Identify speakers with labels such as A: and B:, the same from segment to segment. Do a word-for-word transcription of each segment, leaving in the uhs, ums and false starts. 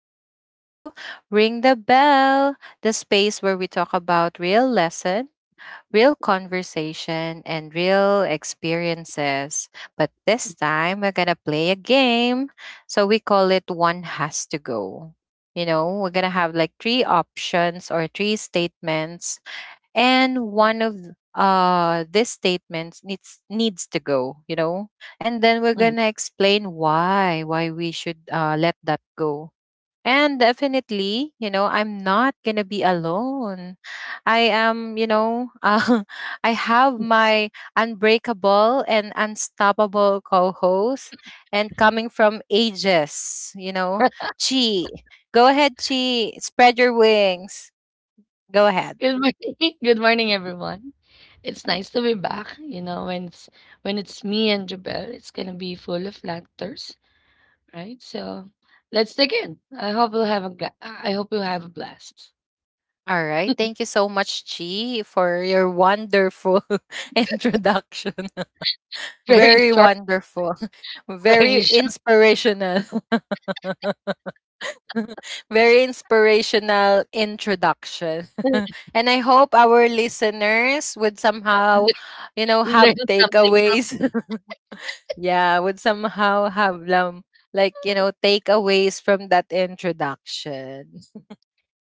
A: listening to Ring the Bell, the space where we talk about real lesson, real conversation, and real experiences. But this time, we're going to play a game. So we call it One Has to Go. You know, we're going to have like three options or three statements and one of uh these statements needs needs to go, you know, and then we're
B: Mm.
A: gonna explain why why we should uh let that go. And definitely, you know, I'm not gonna be alone. I am, you know, uh, I have my unbreakable and unstoppable co-host and coming from ages, you know, Chi. Go ahead, Chi, spread your wings, go ahead.
B: Good morning. Good morning, everyone. It's nice to be back. You know, when it's when it's me and Jabel, it's gonna be full of laughters, right? So let's dig in. I hope you'll have a gla- I hope you'll have a blast.
A: All right. Thank you so much, Chi, for your wonderful introduction.
B: Very
A: Very
B: short,
A: wonderful.
B: very
A: Very
B: short.
A: inspirational. Very inspirational introduction. And I hope our listeners would somehow, you know,
B: Learn
A: have
B: something.
A: takeaways. Yeah, would somehow have um, like, you know, takeaways from that introduction.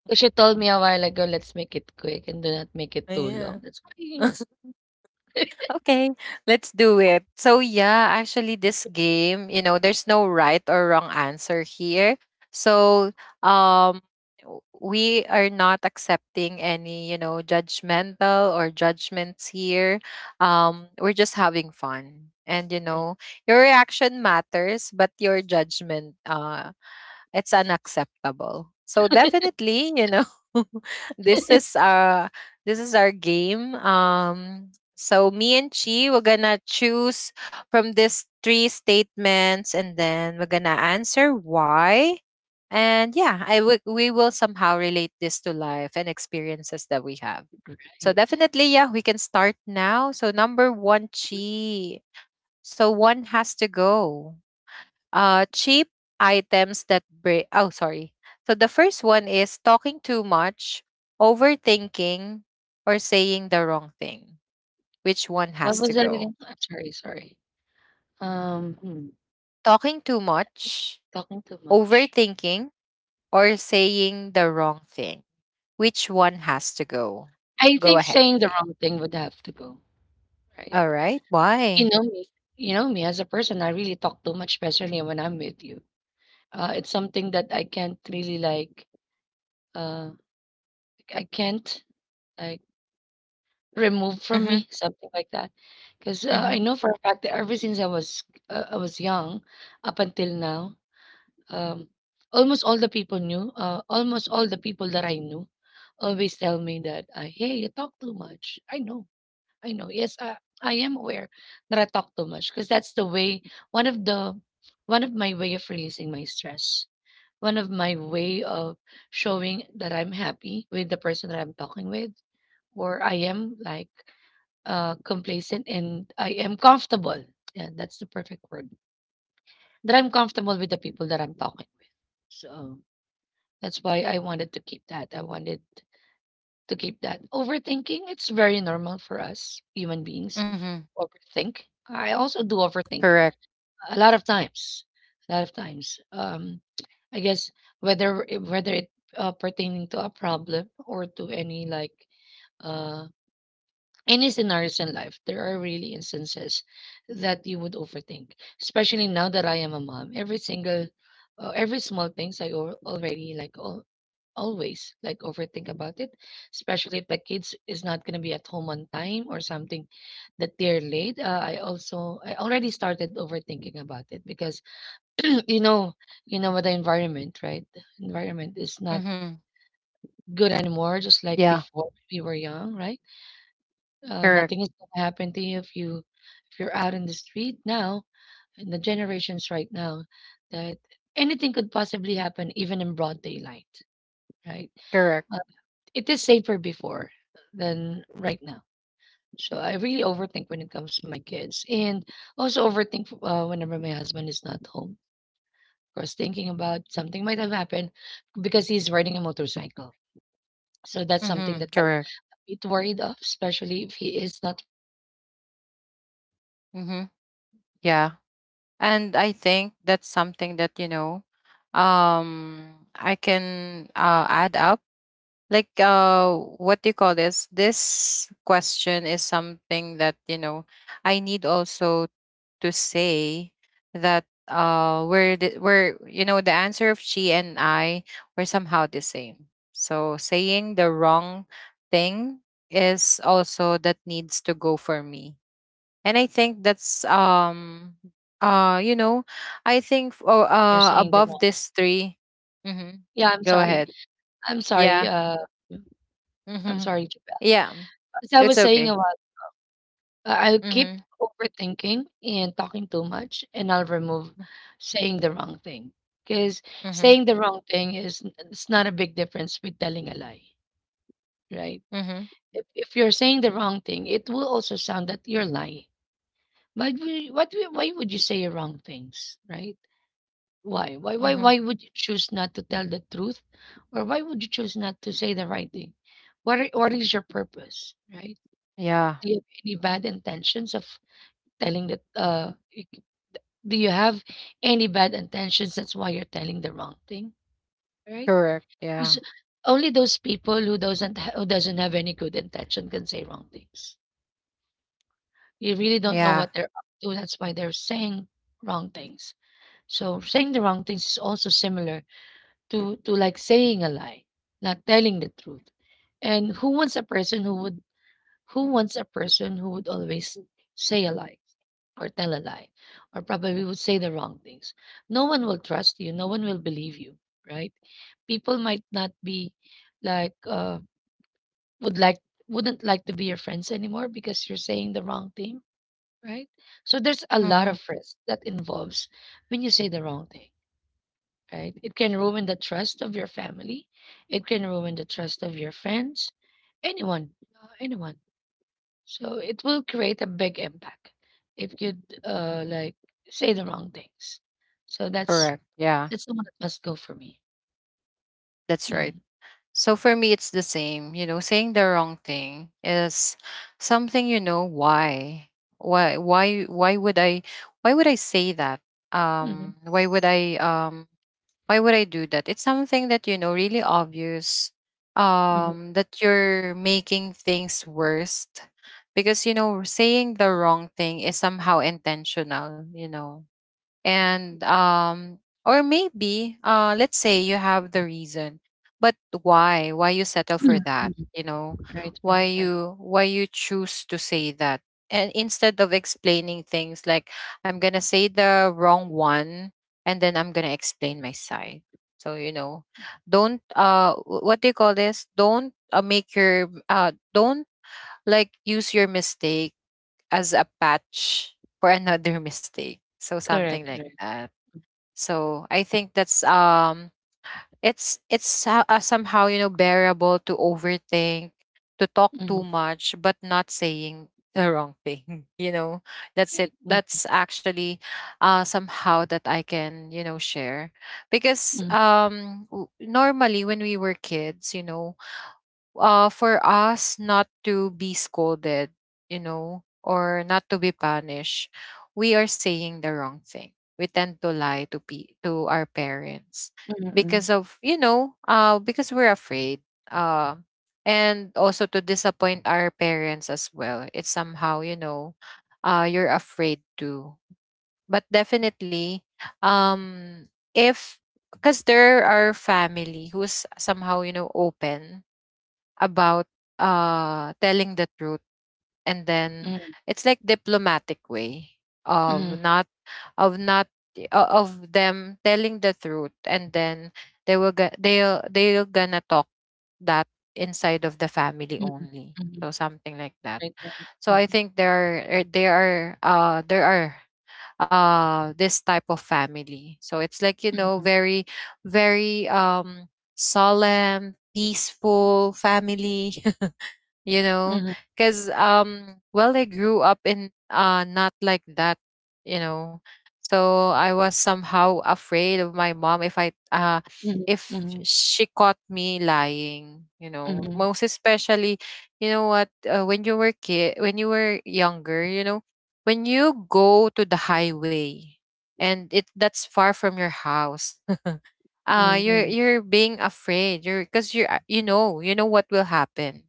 B: Because she told me a while ago, let's make it quick and do not make it too long.
A: Yeah.
B: That's why.
A: Okay, let's do it. So yeah, actually this game, you know, there's no right or wrong answer here. So um w- we are not accepting any, you know, judgmental or judgments here. Um we're just having fun. And you know, your reaction matters, but your judgment, uh it's unacceptable. So definitely, you know, this is uh this is our game. Um so me and Chi, we're gonna choose from these three statements and then we're gonna answer why. And yeah, I w- we will somehow relate this to life and experiences that we have. So
B: Right.
A: definitely, yeah, we can start now. So number one, Chi. So one has to go, uh, cheap items that break. Oh, sorry. So the first one is talking too much, overthinking, or saying the wrong thing. Which one
B: What
A: has
B: was
A: to
B: that again?
A: go?
B: I'm sorry, sorry. Um, hmm,
A: Talking too much,
B: talking too much.
A: overthinking, or saying the wrong thing. Which one has to go?
B: I
A: Go
B: think
A: ahead,
B: saying the
A: G.
B: wrong thing would have to go, right?
A: All right.
B: You
A: Why?
B: know me. You know me as a person, I really talk too much, especially when I'm with you. Uh, it's something that I can't really like. Uh, I can't like remove from
A: Mm-hmm.
B: me something like that, because uh,
A: Mm-hmm.
B: I know for a fact that ever since I was uh, I was young, up until now, um, almost all the people knew. Uh, almost all the people that I knew, always tell me that, uh, "Hey, you talk too much." I know I know. Yes, uh, I am aware that I talk too much because that's the way one of the one of my way of releasing my stress. One of my way of showing that I'm happy with the person that I'm talking with, or I am like uh, complacent and I am comfortable. Yeah, that's the perfect word. That I'm comfortable with the people that I'm talking with. So that's why I wanted to keep that. I wanted to keep that. Overthinking, it's very normal for us human beings.
A: Mm-hmm.
B: Overthink. I also do overthink
A: Correct.
B: a lot of times. A lot of times. Um, I guess whether it- whether it uh, pertaining to a problem or to any like uh any scenarios in life, there are really instances that you would overthink. Especially now that I am a mom, every single uh, every small things I al- already like all always, like, overthink about it, especially if the kids is not gonna be at home on time or something that they're late. Uh, I also I already started overthinking about it because you know you know what the environment, right? The environment is not
A: Mm-hmm.
B: good anymore, just like
A: Yeah.
B: before we were young, right? Uh,
A: Correct.
B: nothing is gonna happen to you if you if you're out in the street now. In the generations right now that anything could possibly happen, even in broad daylight, right?
A: Correct.
B: It is safer before than right now. So I really overthink when it comes to my kids, and also overthink uh, whenever my husband is not home. Because thinking about something might have happened because he's riding a motorcycle. So that's something
A: Mm-hmm.
B: that I'm
A: Correct.
B: a bit worried of, especially if he is not responding, uh, or if he's
A: Mm-hmm.
B: not responding, or
A: Yeah.
B: he's not
A: And
B: replying,
A: I
B: or
A: think
B: if he's
A: that's
B: not taking my
A: something that,
B: call.
A: you know,
B: Um, that's really I'm
A: um
B: what I'm
A: I
B: worried the most.
A: can, uh, add up,
B: And there's a lot of things
A: like,
B: that I need to
A: uh
B: uh, I
A: what do
B: am
A: you call
B: like
A: this
B: worried about
A: this
B: uh,
A: question is
B: like the food
A: something that, you know,
B: uh, or,
A: I
B: or
A: need
B: food for
A: also
B: tomorrow
A: to
B: and the next
A: say
B: succeeding days and
A: that
B: all that.
A: uh
B: Those are
A: we're
B: my
A: the, we're
B: worries.
A: you know, the answer of
B: And
A: she and
B: um,
A: I
B: wrong
A: were
B: saying the
A: somehow the
B: wrong thing
A: same.
B: is I'm gonna
A: So
B: re- I'm
A: saying
B: gonna be
A: the
B: removing
A: wrong thing
B: since
A: is
B: um,
A: also that needs to
B: I
A: go for
B: think it
A: me.
B: would be
A: And I
B: considered
A: think
B: as
A: that's
B: a lie
A: um
B: already.
A: uh you
B: It
A: know,
B: will be
A: I
B: considered as
A: think
B: a
A: f- oh,
B: lie when you're
A: uh
B: saying the
A: above
B: wrong.
A: this three. Mm-hmm.
B: Yeah, I'm
A: Go
B: sorry.
A: ahead.
B: I'm sorry.
A: Yeah.
B: Uh, I'm
A: Mm-hmm.
B: sorry, Jabel.
A: Yeah,
B: As I
A: it's
B: was saying
A: okay.
B: a while. Uh, I'll keep
A: Mm-hmm.
B: overthinking and talking too much, and I'll remove saying the wrong thing. Because
A: Mm-hmm.
B: saying the wrong thing is it's not a big difference with telling a lie, right?
A: Mm-hmm.
B: If, if you're saying the wrong thing, it will also sound that you're lying. Why would you, what, would- why would you say wrong things, right? Why? Why, why,
A: Mm-hmm.
B: why would you choose not to tell the truth? Or why would you choose not to say the right thing? What, are, what is your purpose, right?
A: Yeah.
B: Do you have any bad intentions of telling that uh Do you have any bad intentions? That's why you're telling the wrong thing, right?
A: Correct,
B: 'Cause
A: yeah.
B: only those people who doesn't ha- who doesn't have any good intention can say wrong things. You really don't know
A: Yeah.
B: what they're up to. That's why they're saying wrong things. So saying the wrong things is also similar to to like saying a lie, not telling the truth. And who wants a person who would who wants a person who would always say a lie? Or tell a lie or probably would say the wrong things. No one will trust you, no one will believe you, right? People might not be like uh would like wouldn't like to be your friends anymore because you're saying the wrong thing, right? So there's a lot
A: Mm-hmm.
B: of risk that involves when you say the wrong thing, right? It can ruin the trust of your family, it can ruin the trust of your friends, anyone, uh, anyone. So it will create a big impact if you uh like say the wrong things. So that's
A: Correct, yeah.
B: that's the one that must go for me.
A: That's right.
B: Mm.
A: So for me it's the same, you know, saying the wrong thing is something, you know. Why, why why why would i why would I say that?
B: Mm-hmm.
A: Um why would i um Why would I do that? It's something that, you know, really obvious,
B: Mm-hmm.
A: um that you're making things worse, because you know, saying the wrong thing is somehow intentional, you know. And um or maybe, uh let's say you have the reason, but why why you settle for that, you
B: Mm-hmm.
A: know?
B: Right,
A: why
B: right, right.
A: you why you choose to say that, and instead of explaining things, like, I'm gonna say the wrong one and then I'm gonna explain my side. So you know, don't uh wh- what do you call this don't, uh, make your, uh don't, like, use your mistake as a patch for another mistake, so something
B: Correct,
A: like
B: correct.
A: that. So I think that's, um it's it's so- uh, somehow, you know, bearable to overthink, to talk too
B: Mm-hmm.
A: much, but not saying the wrong thing. You know, that's it.
B: Right. Mm-hmm.
A: That's actually uh somehow that I can, you know, share, because
B: Mm-hmm.
A: um w- normally when we were kids, you know, uh, for us not to be scolded, you know, or not to be punished, we are saying the wrong thing. We tend to lie to pe- to our parents
B: Mm-hmm.
A: because of, you know, uh, because we're afraid, uh, and also to disappoint our parents as well. It's somehow, you know, uh, you're afraid to. But definitely, um, if, because there are family who's somehow, you know, open about, uh telling the truth, and then
B: Mm-hmm.
A: it's like diplomatic way
B: Mm-hmm.
A: of not, of not, o- of them telling the truth, and then they will go, they'll they're gonna talk that inside of the family
B: Mm-hmm.
A: only, so something like that.
B: Right, right.
A: So I
B: Mm-hmm.
A: think there are er, there are uh there are uh this type of family, so it's like, you know,
B: Mm-hmm.
A: very very um solemn, peaceful family. You know,
B: Mm-hmm.
A: because um well, I grew up in, uh not like that, you know. So I was somehow afraid of my mom, if I, uh
B: Mm-hmm.
A: if
B: Mm-hmm.
A: she caught me lying, you know,
B: Mm-hmm.
A: most especially, you know what, uh, when you were kid, when you were younger, you know, when you go to the highway, and it, that's far from your house, uh you're
B: Mm-hmm.
A: you're being afraid, you're, because you are, you know, you know what will happen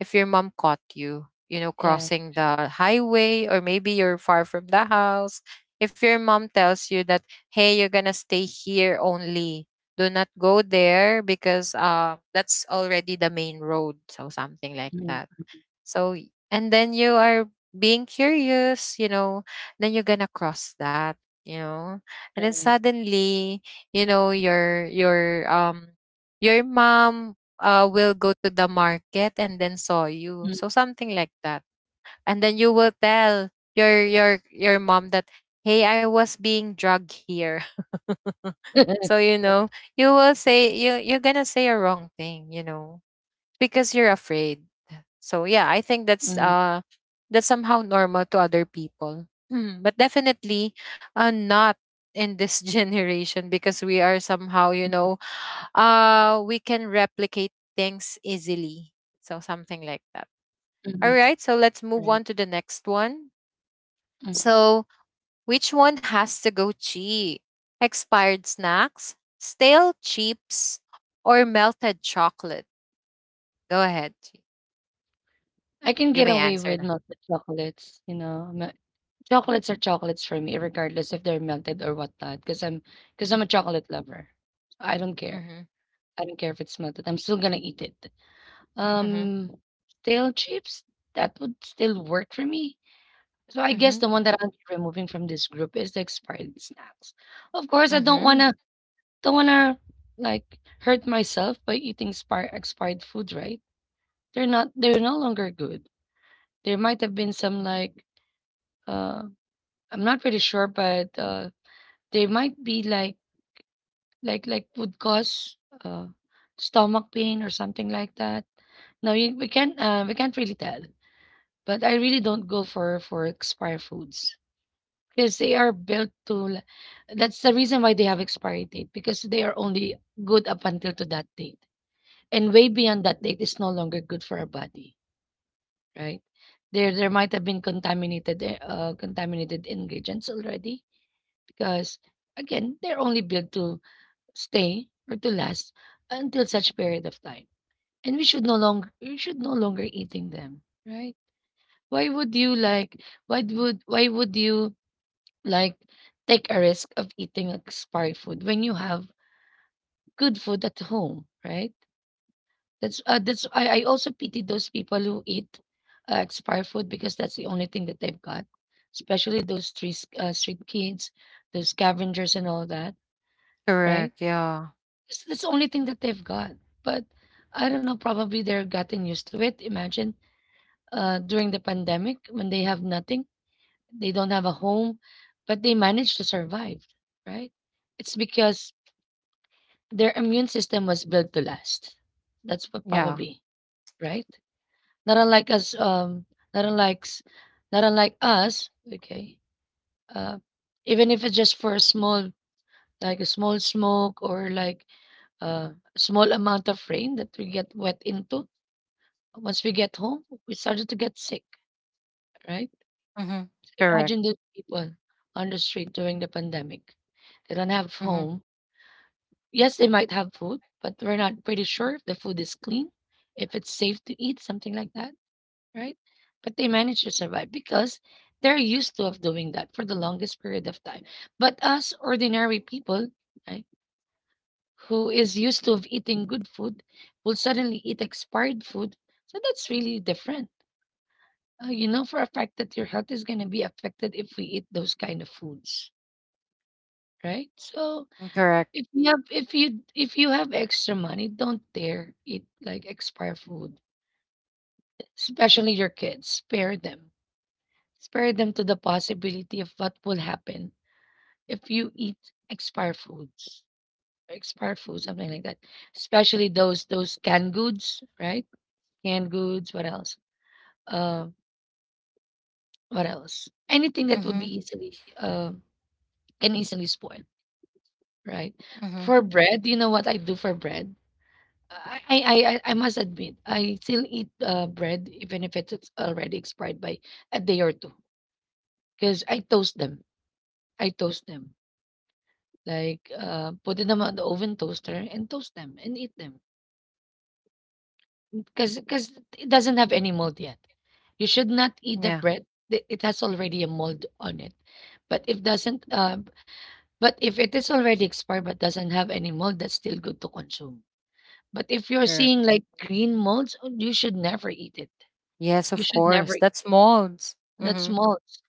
A: if your mom caught you, you know,
B: Yeah.
A: crossing
B: Right.
A: the highway, or maybe you're far from the house. If your mom tells you that, hey, you're gonna stay here only, do not go there because, uh that's already the main road, so something like that.
B: Mm-hmm.
A: So, y- and then you are being curious, you know, then you're gonna cross that, you know, and then
B: Right.
A: suddenly, you know, your your um your mom, uh will go to the market and then saw you,
B: Mm-hmm.
A: so something like that, and then you will tell your your your mom that, hey, I was being drugged here. So you know, you will say you you're gonna say a wrong thing, you know, because you're afraid. So yeah, I think that's uh that's somehow normal to other people. Hmm. But definitely, uh, not in this generation, because we are somehow, you know, uh we can replicate things easily. So something like that.
B: Mm-hmm.
A: All right, so let's
B: Right.
A: move on to the next one.
B: Mm-hmm.
A: So, which one has to go? Cheap, expired snacks, stale chips, or melted chocolate? Go ahead, Chi.
B: I can
A: You
B: get
A: may
B: away
A: answer
B: with
A: now.
B: melted chocolates. You know me, chocolates are chocolates for me regardless if they're melted or whatnot. Because 'cause am because 'cause I'm a chocolate lover. I don't care.
A: Mm-hmm.
B: I don't care if it's melted, I'm still gonna eat it.
A: Mm-hmm.
B: Um, stale chips, that would still work for me. So I guess
A: Mhm,
B: the one that I'll be removing from this group is the expired snacks. Of course, I don't
A: mhm.
B: wanna don't wanna, like, hurt myself by eating spir expired food, right? They're not they're no longer good. There might have been some, like. Uh, I'm not pretty sure, but uh, they might be like like like would cause uh, stomach pain or something like that. No, you, we can't uh, we can't really tell. But I really don't go for for expired foods because they are built to. l- That's the reason why they have expiry date because they are only good up until to that date, and way beyond that date is no longer good for our body, right? There there might have been contaminated uh, contaminated ingredients already because again, they're only built to stay or to last until such period of time. And we should no longer we should no longer eating them, right? Why would you like why would why would you like take a risk of eating expired food when you have good food at home, right? That's uh, that's I, I also pity those people who eat uh, expired food because that's the only thing that they've got, especially those street uh, street kids, those scavengers and all that, right?
A: Correct, yeah,
B: It's that's the only thing that they've got. But I don't know, probably they're getting used to it. Imagine uh, during the pandemic when they have nothing, they don't have a home, but they managed to survive, right? It's because their immune system was built to last. That's what
A: yeah.
B: probably, right? Not unlike us, um, not unlike, s- Not unlike us, okay? Uh, even if it's just for a small, like a small smoke or like uh, a small amount of rain that we get wet into. Once we get home, we started to get sick, right?
A: Mhm.
B: So
A: Correct.
B: imagine those people on the street during the pandemic. They don't have
A: Mhm.
B: home. Yes, they might have food, but we're not pretty sure if the food is clean, if it's safe to eat, something like that, right? But they manage to survive because they're used to of doing that for the longest period of time. But us ordinary people, right, who is used to of eating good food, will suddenly eat expired food. So that's really different. Uh, you know for a fact that your health is going to be affected if we eat those kind of foods, right? So
A: Mm, correct.
B: if you have if you if you have extra money, don't dare eat like expired food, especially your kids. Spare them. Spare them to the possibility of what will happen if you eat expired foods, or expired food, something like that. Especially those those canned goods, right? Canned goods. What else? Uh, what else? Anything that
A: Mhm,
B: would be easily uh, can easily spoil. Right.
A: mhm.
B: For bread, you know what I do for bread? I I I I I must admit, I still eat uh, bread even if it's it's already expired by a day or two because I toast them. I toast them. Like, uh, put them on the oven toaster and toast them and eat them because because it doesn't have any mold yet. You should not eat the
A: Yeah,
B: bread that it has already a mold on it. But if doesn't uh, but if it is already expired but doesn't have any mold, that's still good to consume. But if you're
A: correct.
B: seeing like green molds, oh, you should never eat it.
A: Yes, of
B: You should
A: course.
B: never eat.
A: That's molds.
B: That's
A: Mhm.
B: molds.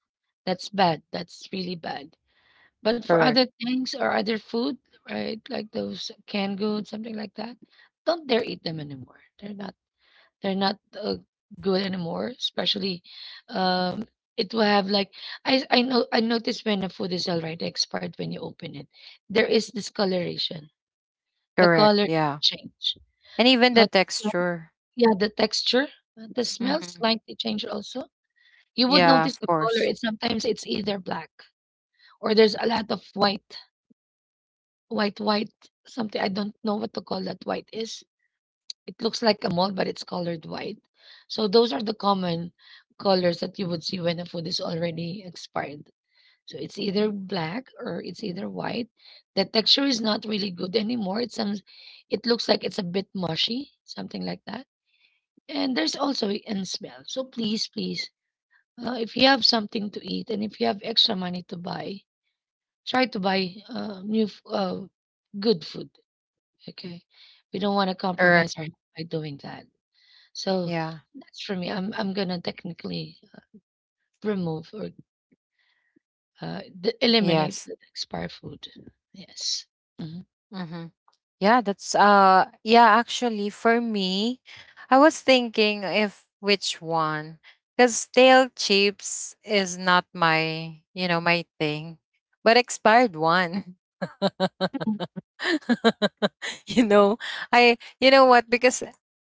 B: That's bad. That's really bad. But for
A: Correct.
B: other things or other food, right? Like those canned goods, something like that. Don't dare eat them anymore. They're not, they're not uh, good anymore. Especially, um, it will have like, I I know I noticed when a food is already expired, when you open it, there is discoloration. The
A: Correct.
B: color has
A: Yeah.
B: changed.
A: And even the texture.
B: Yeah, the texture, uh, the smell
A: Mhm.
B: slightly change also. You would
A: Yeah,
B: notice
A: of
B: the color.
A: course.
B: It's sometimes it's either black or there's a lot of white, white, white, something. I don't know what to call that white is. It looks like a mold, but it's colored white. So those are the common colors that you would see when a food is already expired. So it's either black or it's either white. The texture is not really good anymore. It's some, it looks like it's a bit mushy, something like that, and there's also in smell. So please, please, Uh, if you have something to eat and if you have extra money to buy, try to buy uh, new, f- uh, good food. Okay, we don't want to
A: Correct.
B: compromise our by doing that. So
A: Yeah.
B: that's for me. I'm I'm gonna technically remove or uh, d- eliminate
A: Yes.
B: the expired food. Yes. Mhm.
A: Mhm. Yeah, that's uh yeah, actually for me, I was thinking if which one, cuz stale chips is not my, you know, my thing, but expired one. You know, I, you know what, because,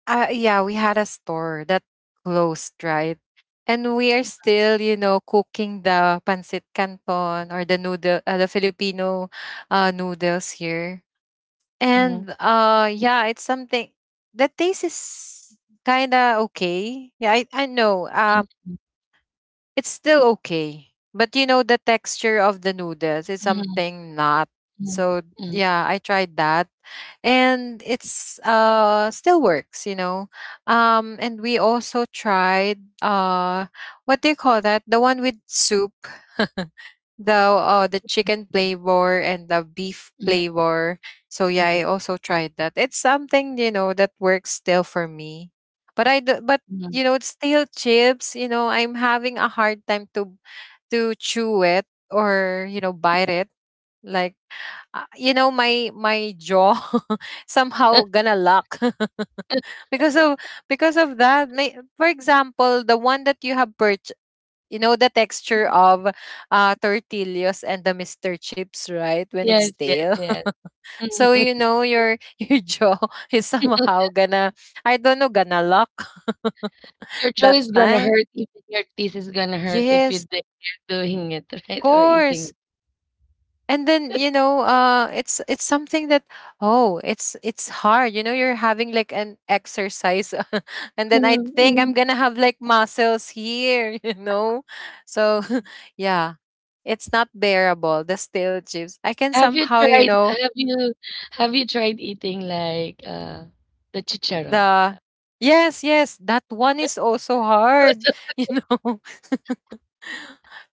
A: uh yeah, we had a store that closed, right? And we are still, you know, cooking the pancit canton or the noodle, uh, the Filipino, uh, noodles here,
B: Mm-hmm.
A: and uh yeah, it's something that taste is kinda okay. Yeah, I, I know. Uh
B: Mhm.
A: it's still okay. But you know the texture of the noodles is
B: Mhm.
A: something not. So
B: Mhm.
A: yeah, I tried that. And it's uh still works, you know. Um and we also tried, uh what do you call that? The one with soup. The, oh, the chicken flavor and the beef
B: Mhm.
A: flavor. So yeah,
B: Mhm.
A: I also tried that. It's something, you know, that works still for me. But I do, but
B: Mhm.
A: you know, it's still chips, you know, I'm having a hard time to to chew it, or, you know, bite it. Like, uh, you know, my my jaw somehow gonna lock because of, because of that. may- For example, the one that you have purchased, you know, the texture of, uh, tortillas and the Mister Chips, right? When it's
B: Yes. Yes.
A: stale.
B: Yes.
A: So you know your your jaw is somehow gonna, I don't know, gonna lock
B: Your jaw
A: that
B: is gonna
A: time.
B: hurt, even your teeth is gonna hurt if you
A: Yes,
B: think you're doing it,
A: of
B: right, or eating.
A: course. And then, you know, uh it's it's something that, oh, it's it's hard. You know, you're having like an exercise and then I
B: Mhm,
A: think I'm
B: mhm.
A: gonna have like muscles here, you know. So yeah, it's not bearable, the stale chips, I can
B: Have you
A: somehow, you
B: tried,
A: know,
B: have you have you tried eating, like, uh, the chicharon?
A: the yes, yes, that one is also hard. You know,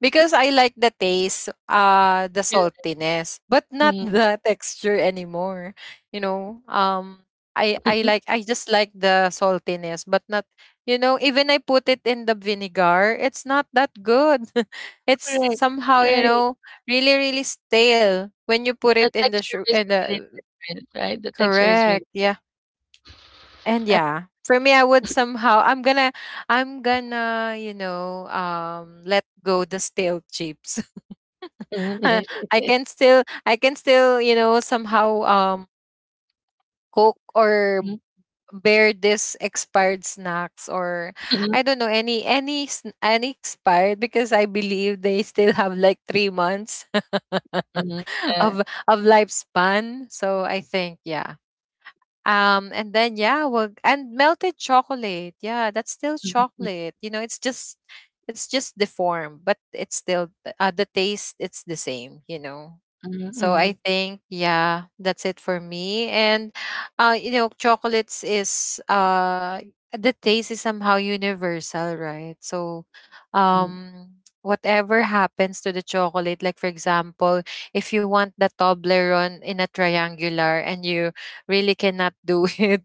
A: because I like the taste, uh the saltiness, but not
B: Mhm.
A: the texture anymore, you know. um i i like I just like the saltiness, but not, you know, even I put it in the vinegar, it's not that good. It's
B: Right,
A: somehow, you
B: right.
A: know, really really stale when you put it
B: The
A: in the
B: texture
A: shu-
B: is
A: in
B: really
A: the,
B: different, right? The texture is
A: correct.
B: really
A: Yeah. And yeah, for me, I would somehow, I'm gonna I'm gonna, you know, um let go the stale chips.
B: mhm,
A: I can still I can still, you know, somehow um cook or bear this expired snacks, or
B: mhm,
A: I don't know, any any sn- any expired, because I believe they still have like three months
B: mhm,
A: of
B: yeah.
A: of lifespan. So I think yeah. Um, and then yeah, well, and melted chocolate. Yeah, that's still
B: Mhm, mhm,
A: chocolate. You know, it's just it's just the form, but it's still th- uh, the taste. It's the same. You know. So I
B: mhm,
A: think yeah, that's it for me. And uh, you know, chocolates is uh the taste is somehow universal, right? So,
B: mhm,
A: um. Whatever happens to the chocolate, like for example, if you want the Toblerone in a triangular and you really cannot do it,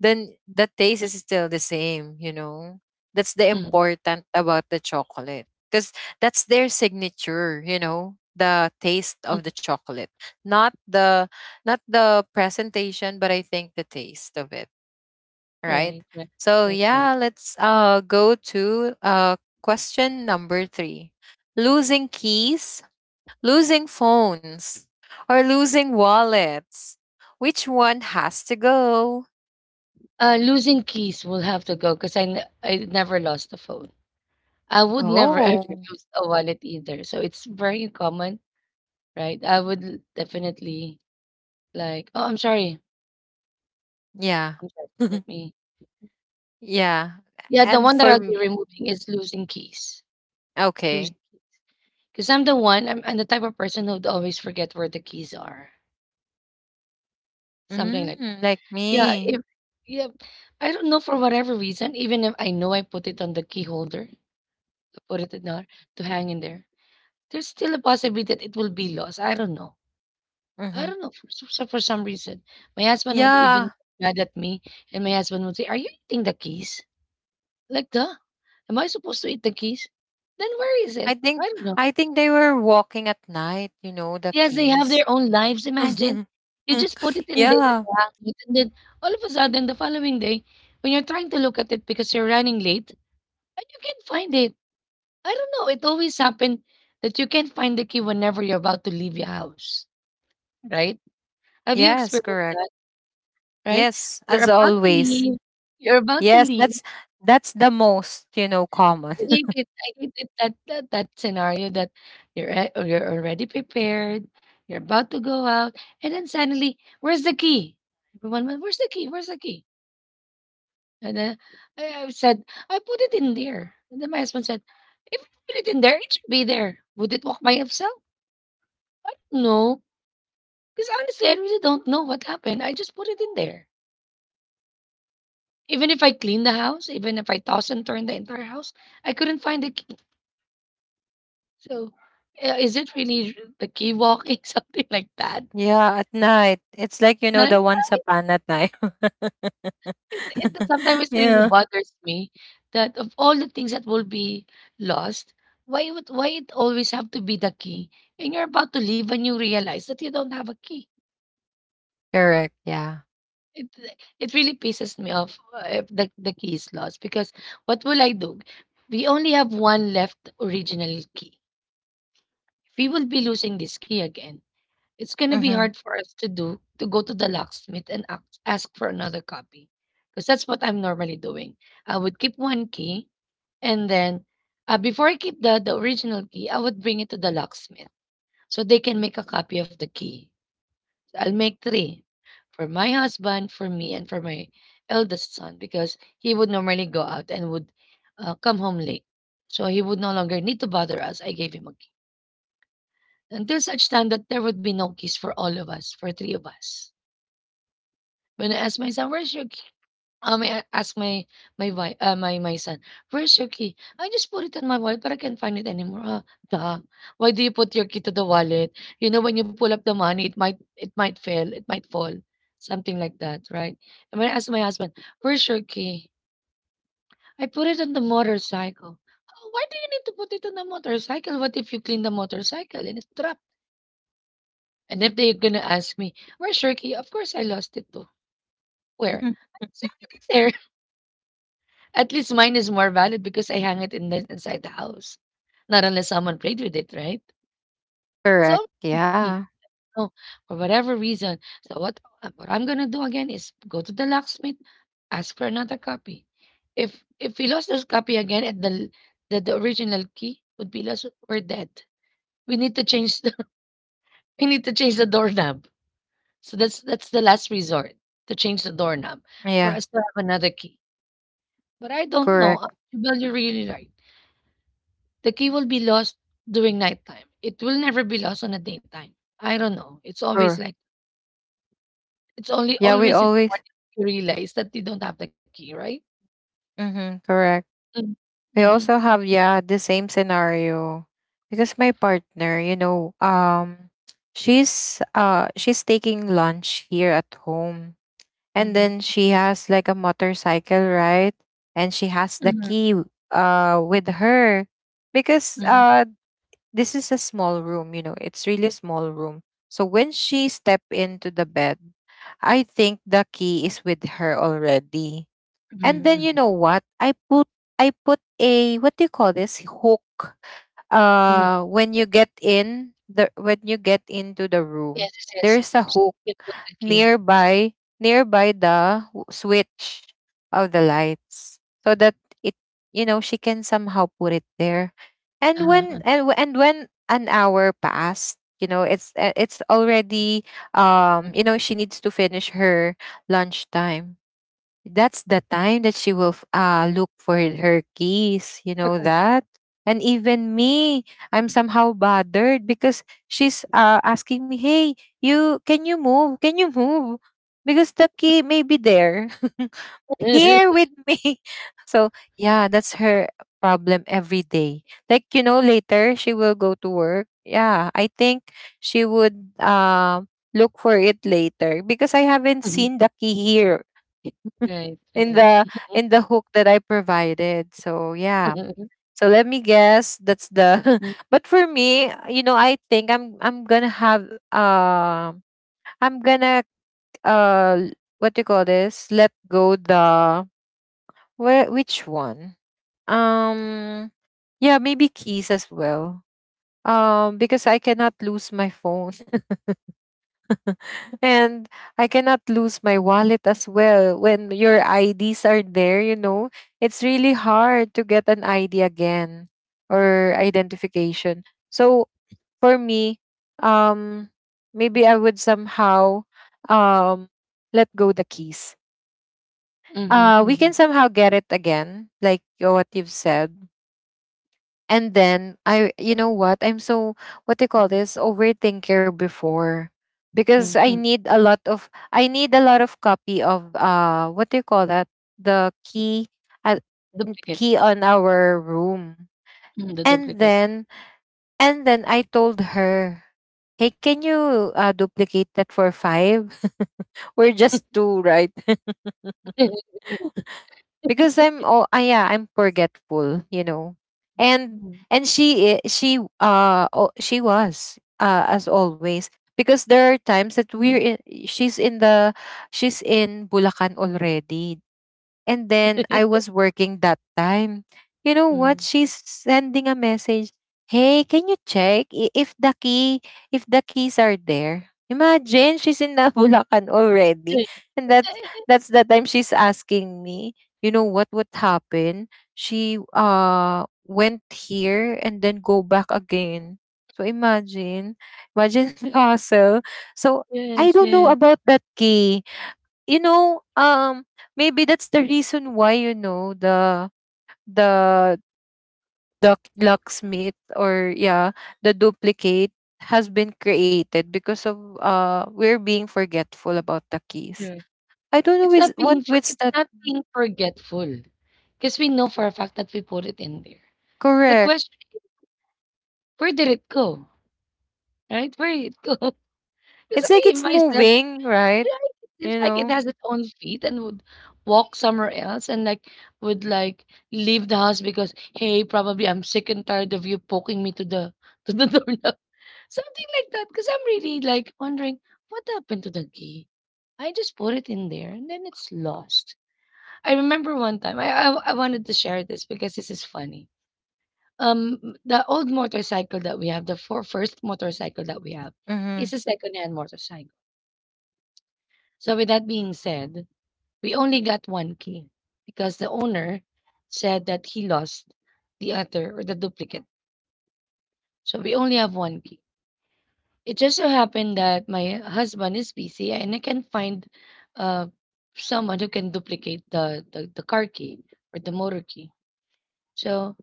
A: then the taste is still the same, you know? That's the
B: mhm,
A: important about the chocolate. Because that's their signature, you know, the taste
B: mhm.
A: of the chocolate. Not the not the presentation, but I think the taste of it. Right?
B: Right, right.
A: So
B: That's right.
A: yeah, let's uh go to uh question number three. Losing keys losing phones, or losing wallets. Which one has to go?
B: Uh, losing keys will have to go because I, n- I never lost a phone. I would never ever
A: Oh,
B: lose a wallet either. So it's very common, right? I would l- definitely like, oh, I'm sorry.
A: yeah.
B: I'm sorry. Let me.
A: Yeah.
B: Yeah, the
A: And
B: one that
A: for
B: I'll be
A: me,
B: removing is losing keys. Losing,
A: okay.
B: because I'm the one, I'm, I'm the type of person who'd always forget where the keys are. Something like
A: Mm,
B: that.
A: like
B: Yeah.
A: me.
B: If, yeah. I don't know, for whatever reason, even if I know I put it on the key holder, put it in there to hang in there, there's still a possibility that it will be lost. I don't know. I
A: Hmm.
B: don't know. For, so so for some reason, my husband would even
A: Yeah.
B: mad at me, and my husband would say, "Are you eating the keys? Like the? Am I supposed to eat the keys? Then where is
A: I
B: it? I
A: think
B: don't know."
A: I think they were walking at night, you know, the
B: Yes, they have
A: keys.
B: their own lives. Imagine you just put it in there
A: Yeah.
B: to hang it, and then all of a sudden, the following day, when you're trying to look at it because you're running late, and you can't find it. I don't know. It always happened that you can't find the key whenever you're about to leave your house, right? Have you
A: Yes,
B: experienced
A: correct.
B: that, right?
A: Yes,
B: You're
A: as
B: about to
A: always.
B: leave. You're about to
A: Yes,
B: leave.
A: that's that's the most, you know, common.
B: I hate it. I hate it that that, that scenario that you're a- or you're already prepared. You're about to go out, and then suddenly, where's the key? Everyone went, where's the key? Where's the key? And then I, I said, I put it in there. And then my husband said, if I put it in there, it should be there. Would it walk by itself? I don't know. Because honestly, I really don't know what happened. I just put it in there. Even if I cleaned the house, even if I tossed and turned the entire house, I couldn't find the key. So, uh, is it really r- the key walking, something like that?
A: Yeah, at night. It's like, you
B: No,
A: know, the once upon a time.
B: It, it, sometimes it really
A: Yeah.
B: bothers me that of all the things that will be lost, why would why it always have to be the key? And you're about to leave and you realize that you don't have a key.
A: Correct. Yeah.
B: It it really pisses me off uh, if the, the key is lost, because what will I do? We only have one left original key. We will be losing this key again. It's going to be
A: Mm-hmm.
B: hard for us to do to go to the locksmith and ask, ask for another copy, because that's what I'm normally doing. I would keep one key, and then uh, before I keep the, the original key, I would bring it to the locksmith so they can make a copy of the key. I'll make three, for my husband, for me, and for my eldest son, because he would normally go out and would uh, come home late. So he would no longer need to bother us. I gave him a key. Until such time that there would be no kiss for all of us, for three of us. When I asked my son, "Where's your key?" Um, I asked my my wife, uh, my my son, "Where's your key? I just put it on my wallet, but I can't find it anymore." Ah, duh. Why do you put your key to the wallet? You know, when you pull up the money, it might, it might fail, it might fall, something like that, right? And when I asked my husband, "Where's your key?" I put it on the motorcycle. "Oh, why do you need to put it on the motorcycle? What if you clean the motorcycle and it's trapped? And if they're gonna ask me, where's your key? Of course I lost it too. Where? It's already there." At least mine is more valid because I hang it in the inside the house. Not unless someone played with it, right? It's
A: Correct.
B: all
A: Yeah.
B: key. No, for whatever reason. So what uh, what I'm gonna do again is go to the locksmith, ask for another copy. If if we lost this copy again and the the, the original key would be lost, we're dead. We need to change the we need to change the doorknob. So that's that's the last resort, to change the doorknob for
A: Yeah.
B: us to have another key. But I don't know. uh,
A: Correct.
B: Well, you're really right. The key will be lost during nighttime. It will never be lost on a daytime. I don't know. It's always
A: Sure.
B: like it's only
A: Yeah, we
B: always in the
A: always.
B: morning you realize that you don't have the key, right?
A: Mm-hmm. Correct.
B: Mm,
A: We
B: mm,
A: also have, yeah, the same scenario. Because my partner, you know, um, she's uh she's taking lunch here at home. And
B: mhm,
A: then she has like a motorcycle, right? And she has the
B: mhm,
A: key uh with her because
B: mhm,
A: uh this is a small room, you know, it's really a small room. So when she step into the bed, I think the key is with her already.
B: mhm,
A: And then you
B: mhm,
A: know what? I put I put a what do you call this hook
B: mhm.
A: uh when you get in the when you get into the room
B: Yes, yes, yes.
A: there's a
B: So
A: hook
B: you can put the key.
A: nearby nearby the w- switch of the lights so that it you know she can somehow put it there and
B: Uh-huh.
A: when and, w- and when an hour passed you know it's uh, it's already um you know she needs to finish her lunchtime that's the time that she will f- uh, look for her keys. You know that? And even me, I'm somehow bothered because she's uh, asking me, hey, you, can you move? Can you move? Because the key may be there, here with me. So, yeah, that's her problem every day. Like, you know, later she will go to work. Yeah, I think she would uh, look for it later because I haven't seen the key here
B: right,
A: in
B: right.
A: the in the hook that I provided. So yeah. So let me guess that's the
B: Mhm,
A: but for me, you know, I think I'm I'm gonna have um I'm gonna uh what do you call this? Let go the where which one? Um yeah, maybe keys as well. Um because I cannot lose my phone. And I cannot lose my wallet as well. When your I Ds are there, you know, it's really hard to get an I D again or identification. So for me, um, maybe I would somehow um, let go the keys.
B: mhm,
A: Uh, we can
B: mhm,
A: somehow get it again, like what you've said. And then I, you know what? I'm so what do you call
B: mhm,
A: this overthinker before because
B: mhm,
A: I
B: mhm.
A: need a lot of I need a lot of copy of uh what do you call that the key uh,
B: Duplicate.
A: key on our room.
B: Mm, the
A: And
B: duplicate.
A: then and then I told her, "Hey, can you uh, duplicate that for five? We're just two, right?" Because I'm oh ah, yeah I'm forgetful you know and
B: Mm.
A: and she I- she uh oh, she was uh as always because there are times that we're in, she's in the she's in Bulacan already and then I was working that time. You know what? She's sending a message. Hey, can you check i- if the key if the keys are there? Imagine she's in the Nabulacan already.
B: Yes,
A: And that's that's the time she's asking me, you know what would happen? She uh went here and then go back again. So imagine, imagine the hassle. So I
B: yes,
A: don't know about that key you know, um, maybe that's the reason why you know the the the locksmith or yeah, the duplicate has been created because of uh we're being forgetful about the keys.
B: correct.
A: I don't know
B: It's
A: is
B: not
A: what
B: being for
A: what's
B: it's
A: that
B: not being forgetful, because we know for a fact that we put it in there. The
A: correct.
B: question is, where did it go, right? Where did it go? Because
A: It's like
B: I
A: it's
B: myself,
A: moving, right?
B: right, it seems
A: You
B: like it
A: know.
B: has its own feet and would walk somewhere else and, like, would, like, leave the house because, "Hey, probably I'm sick and tired of you poking me to the to the doorknob." Something like that, because 'cause I'm really, like, wondering, "What happened to the key? I just put it in there, and then it's lost." I remember one time I I I wanted to share this because this is funny. Um, the old motorcycle that we have, the four first motorcycle that we have is
A: Mm-hmm.
B: a secondhand motorcycle. So with that being said, we only got one key, because the owner said that he lost the other or the duplicate. So we only have one key. It just so happened that my husband is busy and I can find uh, someone who can duplicate the, the, the car key or the motor key. So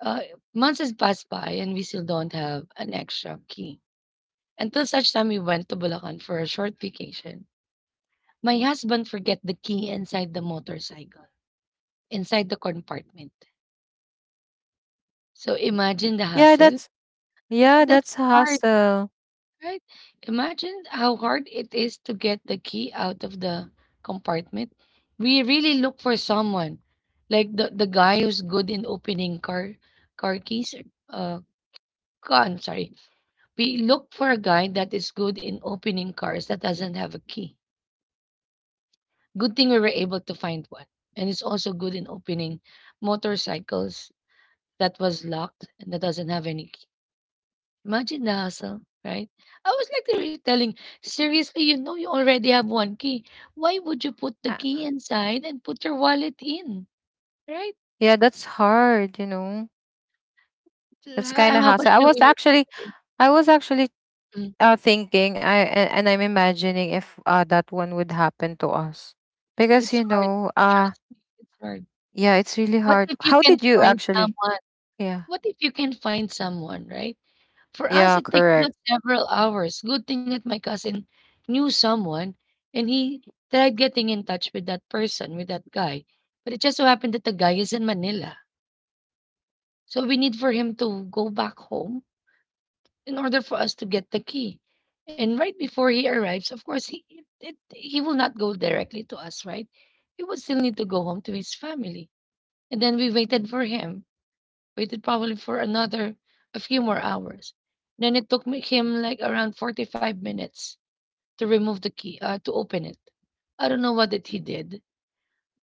B: uh, months has passed by and we still don't have an extra key. Until such time we went to Bulacan for a short vacation. My husband forget the key inside the motorcycle, inside the compartment. So imagine the
A: Yeah,
B: hassle.
A: that's
B: Uh,
A: yeah,
B: That's
A: that's
B: hard.
A: hassle.
B: Right? Imagine how hard it is to get the key out of the compartment. We really look for someone, like the, the guy who's good in opening car, car keys. Uh, ca- I'm sorry. We look for a guy that is good in opening cars that doesn't have a key. Good thing we were able to find one, and it's also good in opening motorcycles that was locked and that doesn't have any key. Imagine the hassle, right? I was literally telling, seriously, you know you already have one key. Why would you put the
A: Uh,
B: key inside and put your wallet in, right?
A: Yeah, that's hard. You know,
B: So
A: that's kind
B: How,
A: of
B: how much
A: hassle. I
B: do
A: was
B: we need to
A: actually
B: pay?
A: I was actually
B: Mm,
A: uh, thinking I a- and I'm imagining if uh, that one would happen to us because
B: It's
A: you
B: hard.
A: know uh
B: Trust me, it's hard.
A: yeah it's really
B: What
A: hard
B: if you
A: how
B: can
A: did you
B: find
A: actually
B: someone?
A: yeah
B: What if you can find someone, right? For us,
A: yeah
B: it takes
A: correct.
B: about several hours. Good thing that my cousin knew someone and he tried getting in touch with that person, with that guy. But it just so happened that the guy is in Manila, so we need for him to go back home in order for us to get the key. And right before he arrives, of course, he it, it, he will not go directly to us, right? He will still need to go home to his family. And then we waited for him, waited probably for another a few more hours. Then it took me, him like around forty-five minutes to remove the key, uh, to open it. I don't know what that he did.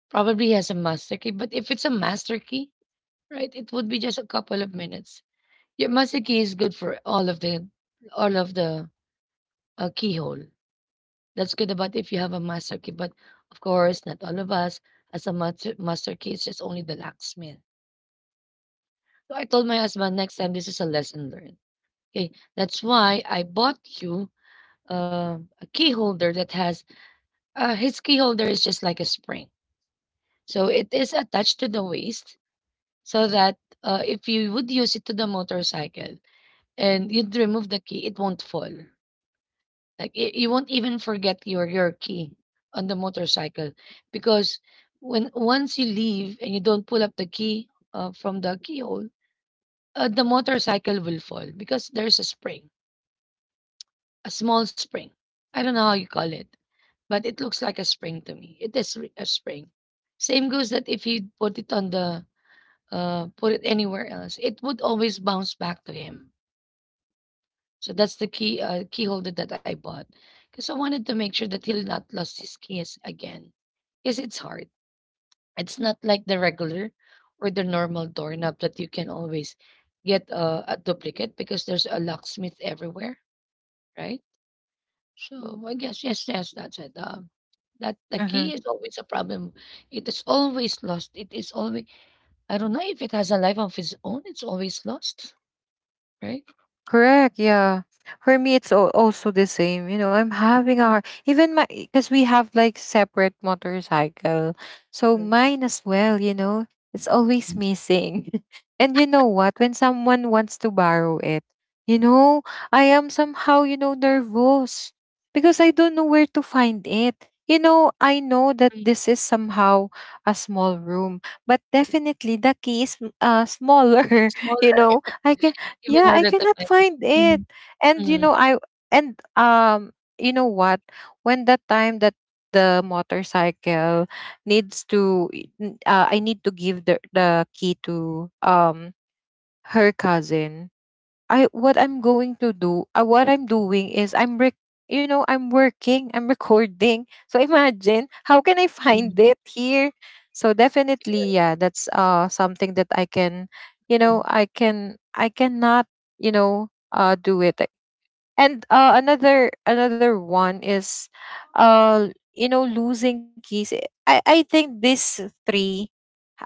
B: Probably he has a master key, but if it's a master key, right, it would be just a couple of minutes. Your master key is good for all of the all of the uh, keyhole. That's good about if you have a master key, but of course, not all of us as a master master key. It's just only the locksmith. So I told my husband next time this is a lesson learned. Okay, that's why I bought you uh, a key holder that has uh, his key holder is just like a spring, so it is attached to the waist so that uh, if you would use it to the motorcycle and you'd remove the key, it won't fall. Like you, you won't even forget your your key on the motorcycle because when once you leave and you don't pull up the key uh, from the keyhole, uh, the motorcycle will fall because there's a spring, a small spring. I don't know how you call it, but it looks like a spring to me. It is re- a spring. Same goes that if you put it on the uh, put it anywhere else, it would always bounce back to him. So that's the key uh, key holder that I bought because I wanted to make sure that he'll not lose his keys again. Because it's hard. It's not like the regular or the normal doorknob that you can always get a, a duplicate because there's a locksmith everywhere, right? So I guess yes, yes, that's it. Um, that the
A: Mhm.
B: key is always a problem. It is always lost. It is always I don't know if it has a life of its own. It's always lost, right?
A: Correct. Yeah. For me, it's al- also the same. You know, I'm having a hard, even my, because we have like separate motorcycle. So
B: Mm.
A: mine as well, you know, it's always
B: Mm.
A: missing. And you know what? When someone wants to borrow it, you know, I am somehow, you know, nervous because I don't know where to find it. You know, I know that
B: Mm.
A: this is somehow a small room, but definitely the key is uh, smaller.
B: Small,
A: You know, I can
B: even
A: yeah, I
B: harder to
A: cannot
B: find.
A: find it.
B: Mm,
A: And you
B: mm,
A: know, I and um you know what? When that time that the motorcycle needs to n- uh, I need to give the the key to um her cousin I what I'm going to do, uh, what I'm doing is I'm rec- you know, I'm working, I'm recording. So imagine how can I
B: mm,
A: find it here? So definitely, yeah, that's uh something that I can, you
B: mm.
A: know, I can I cannot, you know, uh do it. And uh another another one is uh you know losing keys. I I think these three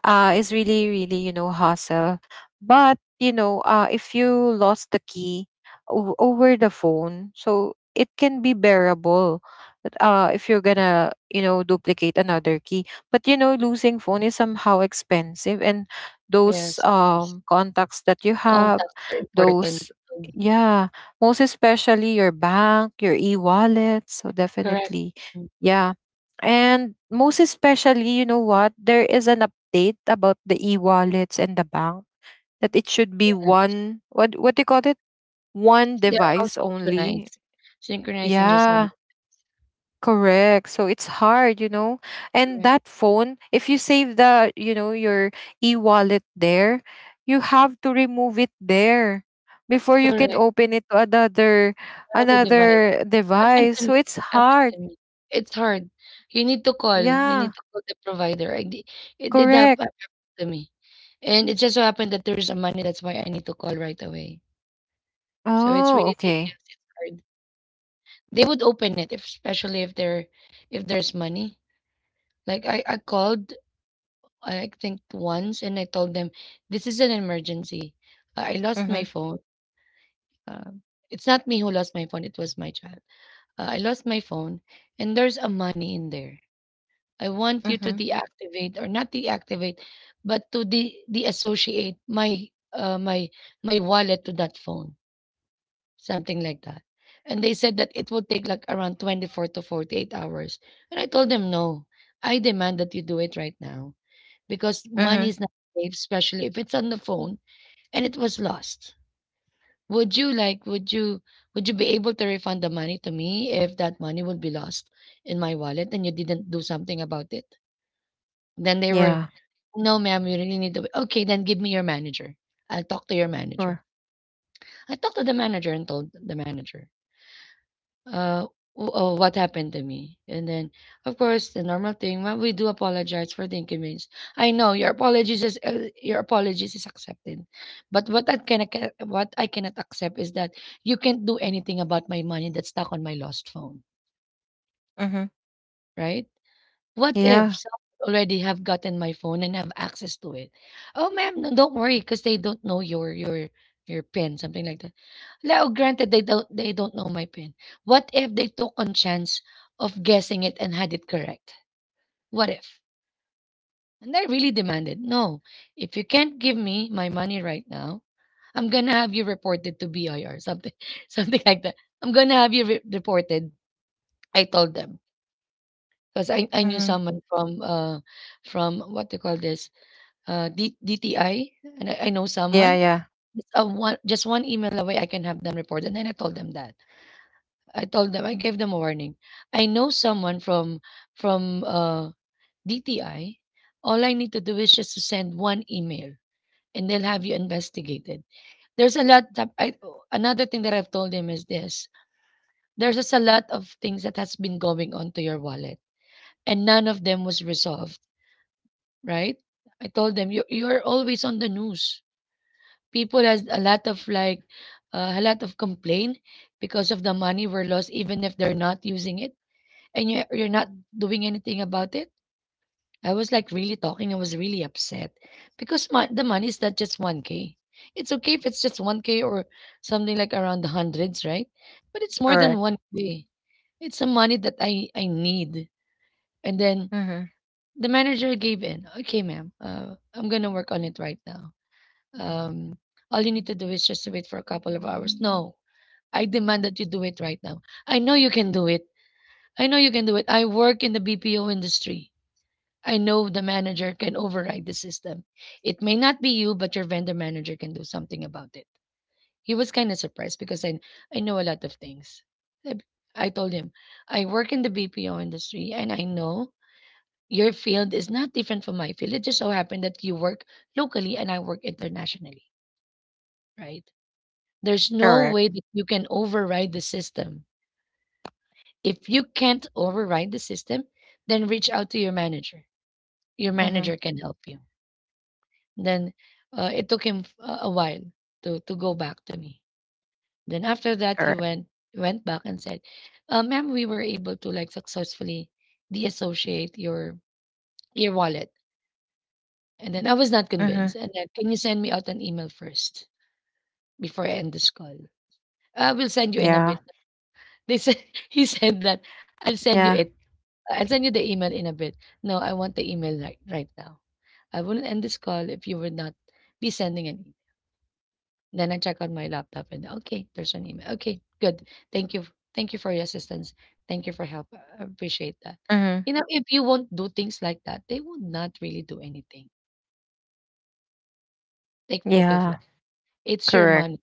A: uh, is really, really, you know, hassle. But, you know, uh, if you lost the key o- over the phone, so it can be bearable but, uh, if you're gonna, you know, duplicate another key. But, you know, losing phone is somehow expensive and those
B: Yes, yes.
A: um, contacts that you have,
B: Contacts are important.
A: those,
B: Mm.
A: yeah, most especially your bank, your e-wallet. So
B: Correct.
A: definitely, yeah. And most especially, you know what? There is an update about the e-wallets and the bank that it should be
B: Yes,
A: one what what do you call it? One
B: they're all
A: device only.
B: synchronized. Synchronized in just one.
A: Yeah, correct. So it's hard, you know. And
B: Correct.
A: that phone, if you save the, you know, your e-wallet there, you have to remove it there before you can
B: Correct.
A: open it to another
B: Another device.
A: another
B: Happened
A: device.
B: to me.
A: So it's
B: Happened to
A: hard.
B: me. It's hard. You need to call. You need
A: Yeah,
B: to call the provider. I did, it did hap-
A: correct.
B: happen to me. And it just so happened that there's a money. That's why I need to call right away. So it's
A: Oh,
B: really
A: okay.
B: tedious. It's hard. They would open it, if, especially if there, if there's money. Like I, I called, I think once, and I told them, this is an emergency. I I lost
A: Mm-hmm.
B: my phone. Um, it's not me who lost my phone, it was my child. Uh, I lost my phone, and there's a money in there. I want you to
A: Mm-hmm.
B: deactivate or not deactivate, but to de deassociate my uh, my my wallet to that phone, something like that. And they said that it would take like around twenty-four to forty-eight hours. And I told them, no, I demand that you do it right now because
A: Hmm.
B: money is not safe, especially if it's on the phone and it was lost. Would you like would you would you be able to refund the money to me if that money would be lost in my wallet and you didn't do something about it? Then they were,
A: Yeah.
B: "No, ma'am, you really need to Okay, then give me your manager. I'll talk to your manager."
A: Sure.
B: I talked to the manager and told the manager uh, w- uh, what happened to me? And then, of course, the normal thing. Well, we do apologize for the inconvenience. I know your apologies is uh, your apologies is accepted, but what I can what I cannot accept is that you can't do anything about my money that's stuck on my lost phone,
A: Mm-hmm.
B: right? What if
A: Yeah.
B: someone already have gotten my phone and have access to it? Oh, ma'am, no, don't worry, because they don't know your your your pin, something like that. Now, granted, they don't they don't know my pin. What if they took on chance of guessing it and had it correct? What if? And I really demanded, no, if you can't give me my money right now, I'm gonna have you reported to B I R, something something like that. I'm gonna have you re- reported. I told them because I, I knew
A: Mhm.
B: someone from uh from what do you call this uh D- DTI, and I, I know
A: Yeah,
B: someone.
A: yeah.
B: It's a one just one email away. I can have them reported, and I told them that. I told them I gave them a warning. I know someone from from uh, D T I. All I need to do is just to send one email, and they'll have you investigated. There's a lot that I another thing that I've told him is this: there's just a lot of things that has been going on to your wallet, and none of them was resolved. Right? I told them you you're always on the news. People has a lot of like uh, a lot of complaint because of the money were lost, even if they're not using it and you're you're not doing anything about it? I was like really talking. I was really upset because my, the money is not just one k. It's okay if it's just one k or something like around the hundreds, right? But it's more than
A: Correct.
B: one k. It's a money that I, I need. And then
A: Mhm.
B: the manager gave in. Okay, ma'am, uh, I'm going to work on it right now. Um, all you need to do is just wait for a couple of hours. No, I demand that you do it right now. I know you can do it. I know you can do it. I work in the B P O industry. I know the manager can override the system. It may not be you, but your vendor manager can do something about it. He was kind of surprised because I, I know a lot of things. I, I told him, I work in the B P O industry and I know your field is not different from my field. It just so happened that you work locally and I work internationally, right? There's no
A: Correct.
B: way that you can override the system. If you can't override the system, then reach out to your manager. Your
A: Mhm.
B: manager can help you. Then uh, it took him f- a a while to to go back to me. Then after that, he
A: Correct.
B: went went back and said, uh, "Ma'am, we were able to like successfully deassociate your your wallet." And then I was not convinced.
A: Mhm.
B: And then, can you send me out an email first before I end this call? I will send you in a
A: Yeah.
B: bit. They said he said that I'll send you
A: Yeah.
B: it. I'll send you the email in a bit. No, I want the email right right now. I wouldn't end this call if you would not be sending an email. Then I check on my laptop and okay, there's an email. Okay, good. Thank you. Thank you for your assistance. Thank you for help. I appreciate that.
A: Mhm.
B: You know, if you won't do things like that, they will not really do anything. Take note of
A: Yeah.
B: that. It's your
A: Correct.
B: money.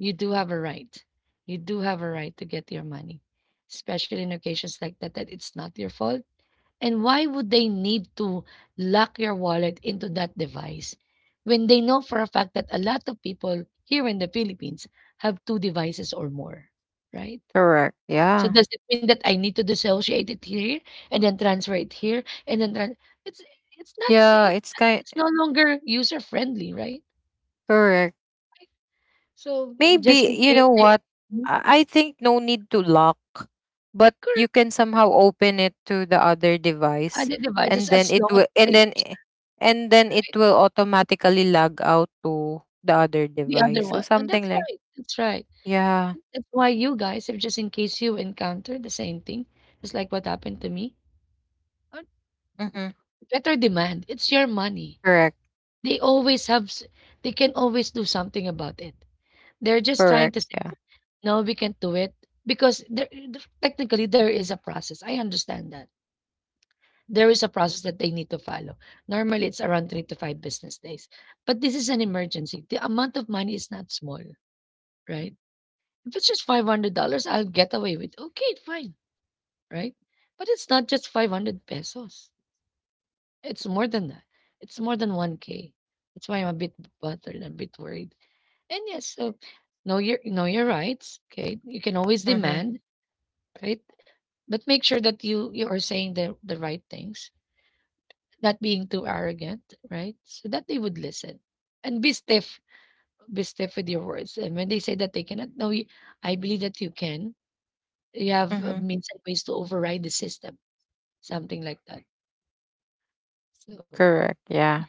B: You do have a right. You do have a right to get your money, especially in occasions like that, that it's not your fault. And why would they need to lock your wallet into that device when they know for a fact that a lot of people here in the Philippines have two devices or more, right?
A: Correct.
B: So
A: Yeah.
B: does it mean that I need to dissociate it here and then transfer it here and then tran it's it's not
A: Yeah,
B: it's
A: it's
B: not,
A: kind
B: it's no longer user friendly, right?
A: correct.
B: So if just
A: Maybe
B: in
A: you
B: case,
A: know
B: same-
A: what?
B: Mhm.
A: I I think no need to lock, but
B: Correct,
A: you can somehow open it to the other device
B: other devices
A: and
B: as
A: then it
B: long as
A: will
B: it's
A: and
B: same,
A: then i- and then it
B: right?
A: will automatically log out to the other
B: The
A: device.
B: other
A: So
B: one, and
A: something
B: that's
A: like
B: right, that's right.
A: yeah,
B: That's why you guys, if just in case you encounter the same thing, just like what happened to me, uh,
A: Mhm.
B: better demand. It's your money.
A: Correct.
B: They always have, s- they can always do something about it. They're just trying
A: Correct.
B: to say,
A: Yeah.
B: no, we can't do it because there, the- technically there is a process. I understand that. There is a process that they need to follow. Normally it's around three to five business days. But this is an emergency. The amount of money is not small, right? If it's just five hundred dollars I'll get away with, okay, fine, right? But it's not just five hundred pesos. It's more than that. It's more than one k. That's why I'm a bit bothered, a bit worried. And yes, so know your know your rights. Okay, you can always
A: Mhm.
B: demand, right? But make sure that you you are saying the the right things, not being too arrogant, right? So that they would listen, and be stiff, be stiff with your words. And when they say that they cannot, no, you- I believe that you can. You have uh,
A: Mhm.
B: means and ways to override the system, something like that. So
A: Correct. Yeah.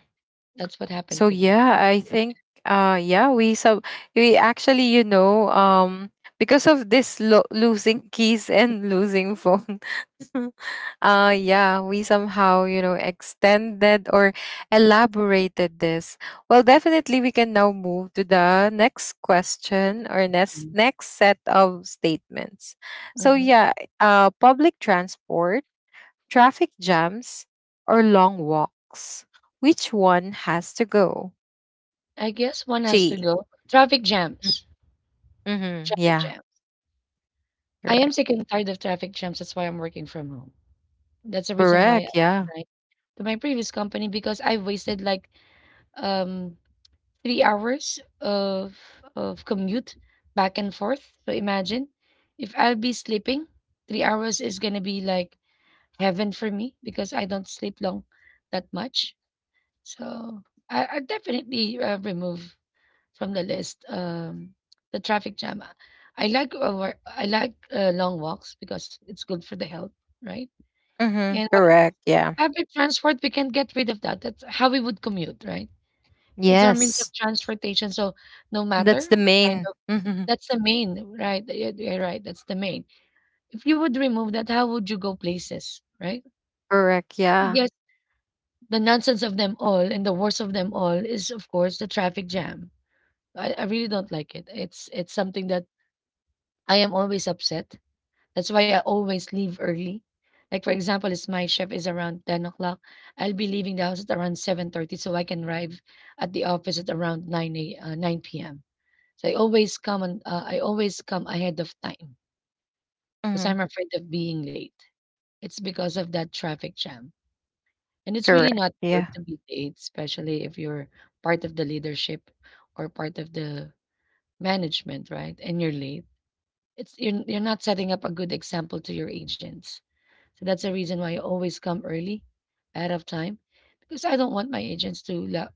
B: that's what happened
A: So
B: to me.
A: yeah,
B: That's...
A: I think uh yeah, we sub we actually, you know, um because of this lo- losing keys and losing phone. Uh yeah, we somehow, you know, extended or elaborated this. Well, definitely we can now move to the next question or next next set of statements. So
B: Mhm.
A: yeah, uh public transport Traffic jams or long walks? Which one has to go?
B: I guess one has to
A: G.
B: go. Traffic jams.
A: Mm-hmm.
B: Traffic
A: Yeah.
B: jams. I am
A: Correct.
B: sick and tired of traffic jams. That's why I'm working from home. That's the reason why I
A: Correct. Yeah.
B: resigned to my previous company because I wasted like um three hours of of commute back and forth. So imagine if I'll be sleeping, three hours is gonna be like heaven for me because I don't sleep long that much. So I, I definitely uh, remove from the list. Um, the traffic jam. I like over, I like uh, long walks because it's good for the health, right?
A: Mm-hmm.
B: And what,
A: Correct. Yeah.
B: public transport, we can get rid of that. That's how we would commute, right? It's our means of
A: Yes.
B: transportation. So no
A: That's
B: matter
A: the
B: what kind
A: main.
B: of,
A: Mm-hmm.
B: that's the main, right? Yeah, you're right. That's the main. If you would remove that, how would you go places, right?
A: Correct.
B: I
A: Yeah.
B: guess the nonsense of them all and the worst of them all is, of course, the traffic jam. I, I really don't like it. It's it's something that I am always upset. That's why I always leave early. Like for example, if my shift is around ten o'clock. I'll be leaving the house at around seven thirty so I can arrive at the office at around nine a, uh, nine p m. So I always come and uh, I always come ahead of time because
A: Mm-hmm.
B: I'm afraid of being late. It's because of that traffic jam. And it's really
A: Correct.
B: not
A: Yeah.
B: good to be late, especially if you're part of the leadership or part of the management, right? And you're late. It's you're, you're not setting up a good example to your agents. So that's the reason why I always come early, ahead of time, because I don't want my agents to la-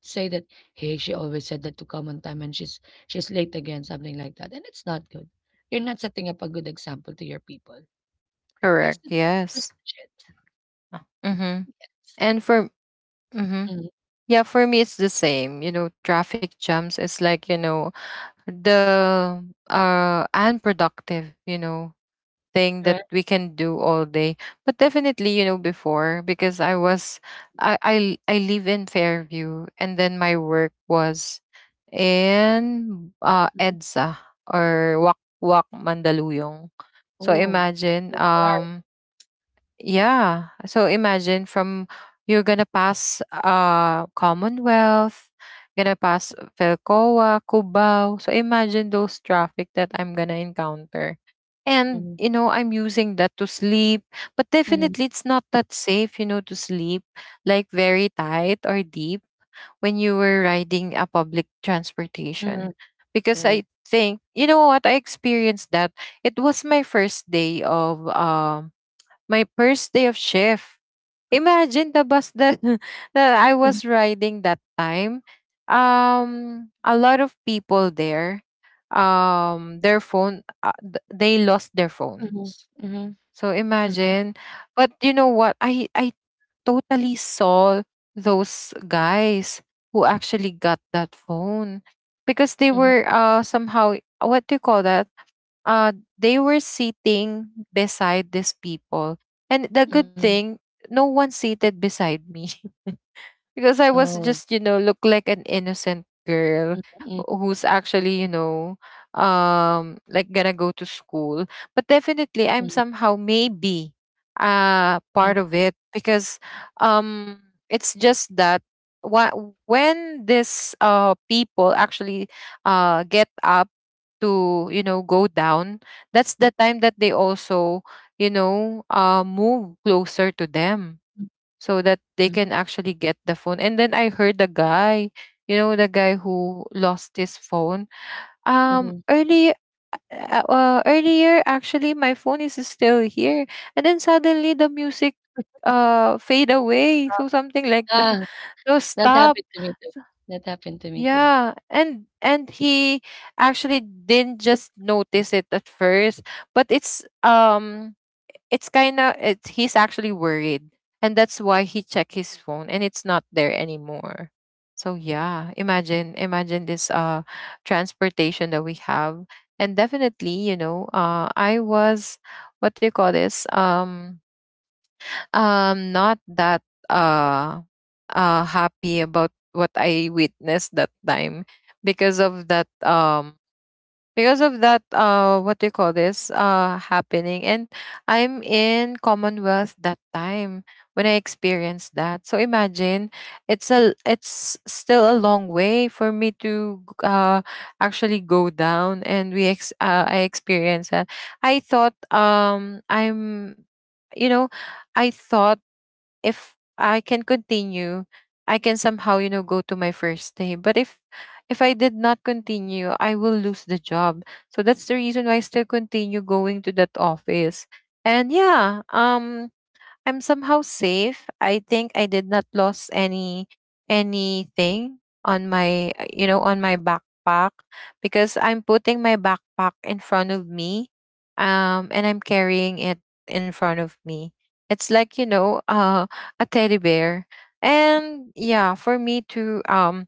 B: say that, hey, she always said that to come on time and she's she's late again, something like that. And it's not good. You're not setting up a good example to your people. Yes,
A: Correct.
B: it's pretty
A: Yes.
B: much it.
A: Mm-hmm. And for mm-hmm.
B: Mm,
A: Yeah, for me it's the same. You know, traffic jams is like you know the uh unproductive. You know, thing that
B: correct.
A: we can do all day. But definitely, you know, before because I was I I, l- I live in Fairview and then my work was in uh
B: Mhm.
A: EDSA or Wak Wak Mandaluyong. So
B: Oh, you
A: imagine
B: park.
A: um yeah. So imagine from you're gonna pass uh Commonwealth, gonna pass Velcoa, Cubao. So imagine those traffic that I'm gonna encounter. And
B: Mhm,
A: you know, I'm using that to sleep, but
B: mhm,
A: definitely it's not that safe, you know, to sleep like very tight or deep when you were riding a public
B: mhm.
A: transportation. Because
B: Right.
A: I think, you know what, I experienced that. It was my first day of um my first day of shift. Imagine the bus that that I
B: Mhm,
A: was riding that time. Um, a lot of people there. Um, their phone, uh, th- they lost their phone.
B: mhm, mhm,
A: So
B: mhm,
A: imagine. But you know what? I I totally saw those guys who actually got that phone because they
B: mhm,
A: were uh somehow what do you call that uh, they were sitting beside these people. And the
B: mhm.
A: good thing, no one seated beside me. Because I was
B: Oh.
A: just, you know, look like an innocent girl
B: Mhm,
A: wh- who's actually, you know, um like gonna go to school. But definitely
B: mhm,
A: I'm somehow maybe uh
B: mhm,
A: part of it, because um it's just that wha- when this uh people actually uh get up to, you know, go down, that's the time that they also, you know, uh move closer to them so that
B: mhm,
A: they can actually get the phone. And then I heard the guy, you know, the guy who lost his phone.
B: mhm.
A: Um, early, uh, uh, earlier, actually, my phone is still here, and then suddenly the music, uh, fade away. So something like
B: Ah.
A: that. So
B: That happened
A: stop.
B: to me too. That happened to me too.
A: Yeah, and and he actually didn't just notice it at first, but it's um it's kind of it's he's actually worried, and that's why he checked his phone and it's not there anymore. So yeah, imagine, imagine this uh transportation that we have. And definitely, you know, uh I was, what do you call this um um not that uh uh happy about what I witnessed that time, because of that um because of that, uh what do you call this, uh happening. And I'm in Commonwealth that time when I experienced that. So imagine, it's a it's still a long way for me to g- uh actually go down, and we ex- uh, I experienced that. I thought, um I'm, you know, I thought if I can continue, I can somehow, you know, go to my first day. But if if I did not continue, I will lose the job. So that's the reason why I still continue going to that office. And yeah, um I'm somehow safe. I think I did not lose any, anything on my uh, you know, on my backpack, because I'm putting my backpack in front of me, um and I'm carrying it in front of me. It's like, you know, uh a teddy bear. And yeah, for me to, um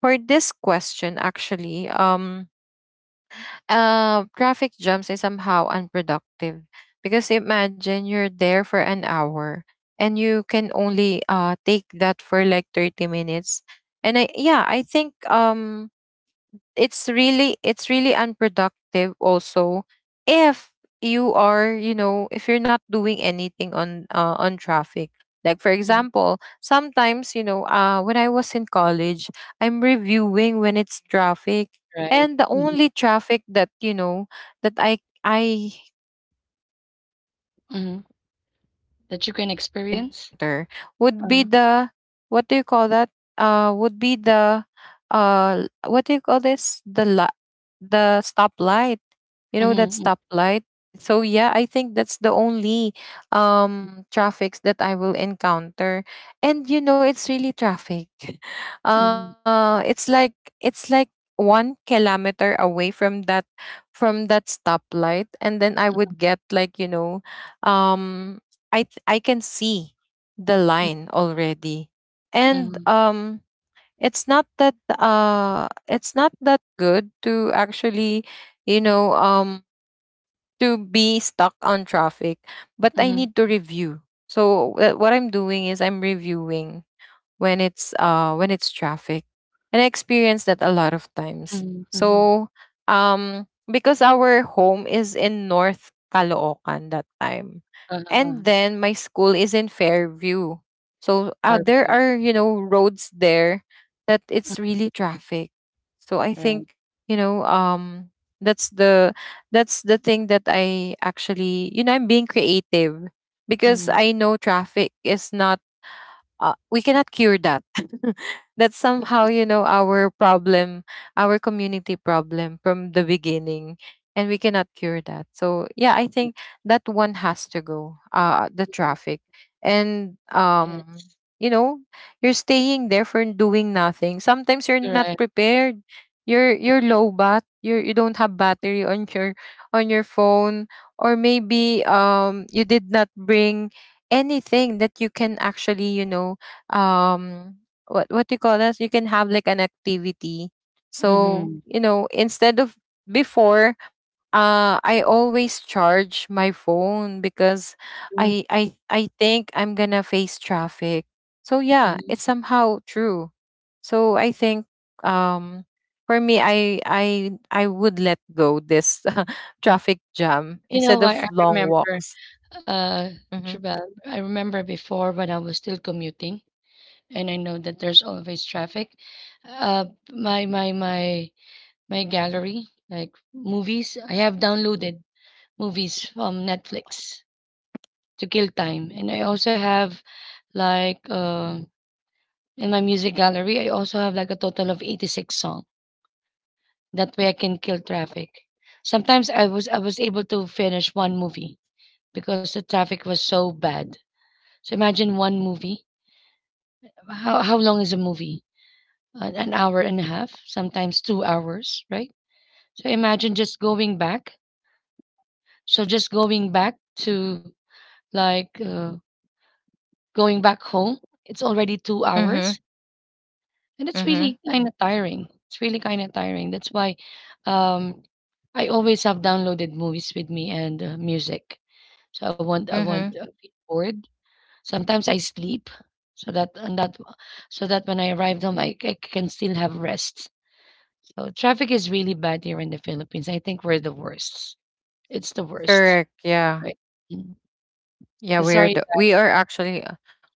A: for this question actually, um uh, traffic jams is somehow unproductive, because imagine you're there for an hour and you can only uh, take that for like thirty minutes. And I, yeah, I think, um it's really, it's really unproductive also if you are, you know, if you're not doing anything on uh, on traffic. Like for
B: Mhm.
A: example, sometimes, you know, uh when I was in college, I'm reviewing when it's traffic.
B: Right.
A: And the
B: Mhm,
A: only traffic that, you know, that i i can encounter,
B: mhm.
A: or that I
B: That you
A: I
B: can
A: would somehow
B: experience?
A: encounter, would
B: Uh-huh.
A: be the, what do you call that? Uh, would be the, uh what do you call this? The la- the stoplight. You know that
B: Mhm,
A: stoplight. So yeah, I think that's the only um traffics that I will encounter, and you know, it's really traffic.
B: mm, mhm,
A: Uh, it's like, it's like one kilometer away from that, from that stoplight, and then I would get like, you know, um I th- I can see the line already. And
B: mm,
A: um it's not that uh it's not that good to actually, you know, um to be stuck on traffic, but
B: mhm,
A: I
B: mhm,
A: need to review. So wh- what I'm doing is I'm reviewing when it's, uh when it's traffic, and I experienced that a lot of times.
B: mhm, mhm.
A: So um because our home is in North Caloocan that time,
B: Uh-huh,
A: and
B: uh-huh.
A: then my school is in Fairview. So uh,
B: Our
A: there
B: view.
A: are, you know, roads there that
B: Mm,
A: it's really traffic. So I
B: right.
A: think, you know, um that's the, that's the thing that I actually, you know, I'm being creative, because
B: Mhm.
A: I know traffic is not, uh, we cannot cure that. That's somehow,
B: Yes.
A: you know, our problem, our community problem from the beginning, and we cannot cure that. So yeah, I think that one has to go, uh the
B: Mhm.
A: traffic. And um
B: Yes.
A: you know, you're staying there for doing nothing. Sometimes you're not
B: Correct.
A: prepared, you're you're low bat, you you don't have battery on your, on your phone. Or maybe um you did not bring anything that you can actually, you know, um what what do you call this, you can have like an activity. So
B: Mhm.
A: you know, instead of before, uh I always charge my phone because
B: Mhm,
A: i i i think I'm gonna face traffic. So yeah,
B: mhm.
A: it's somehow true. So I think, um for me, i i i would let go this traffic jam
B: You know
A: instead
B: what?
A: of
B: I
A: long
B: remember,
A: walks.
B: uh,
A: Mm-hmm.
B: Jabal, I remember before when I was still commuting, and I know that there's always traffic. Uh, my my my my gallery, like movies. I have downloaded movies from Netflix to kill time, and I also have like uh, in my music gallery, I also have like a total of eighty six song. That way, I can kill traffic. Sometimes I was I was able to finish one movie because the traffic was so bad. So imagine one movie. How how long is a movie? An, an hour and a half, sometimes two hours, right? So imagine just going back. So just going back to like uh, going back home, it's already two
A: Mm-hmm.
B: hours and it's
A: Mm-hmm.
B: really kind of tiring, it's really kind of tiring. That's why um, I always have downloaded movies with me and uh, music, so i want I want
A: Mm-hmm.
B: uh, be bored. Sometimes I sleep, so that, and that, so that when I arrive home, I, I can still have rest. So traffic is really bad here in the Philippines. I think we're the worst. It's the worst,
A: Correct. Yeah.
B: right. Mm. So
A: Yeah, we are
B: sorry.
A: the, we are actually, uh,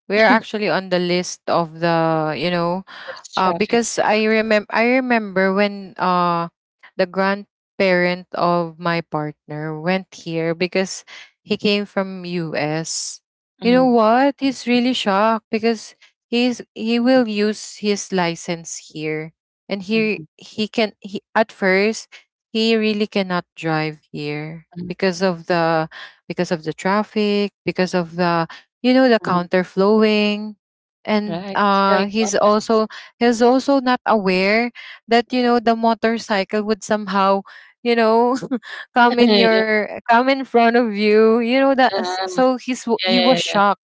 A: we are actually on the list of, the you know.
B: Worst
A: Uh,
B: traffic.
A: because I remember, I remember when uh the grandparent of my partner went here, because he came from U S. You know
B: Mhm,
A: what? He's really shocked, because he's he
B: mhm,
A: will use his license here, and he
B: mhm,
A: he can he at first, he really cannot drive here
B: mhm,
A: because of the, because of the traffic, because of the, you know, the
B: mhm.
A: counterflowing. And
B: Right, it's
A: uh,
B: very
A: he's also, he's also not aware that, you know, the motorcycle would somehow, you know, come in
B: common.
A: your, come in front of you. You know that s-
B: Uh,
A: so he's w-
B: yeah,
A: he
B: yeah,
A: was
B: yeah,
A: shocked.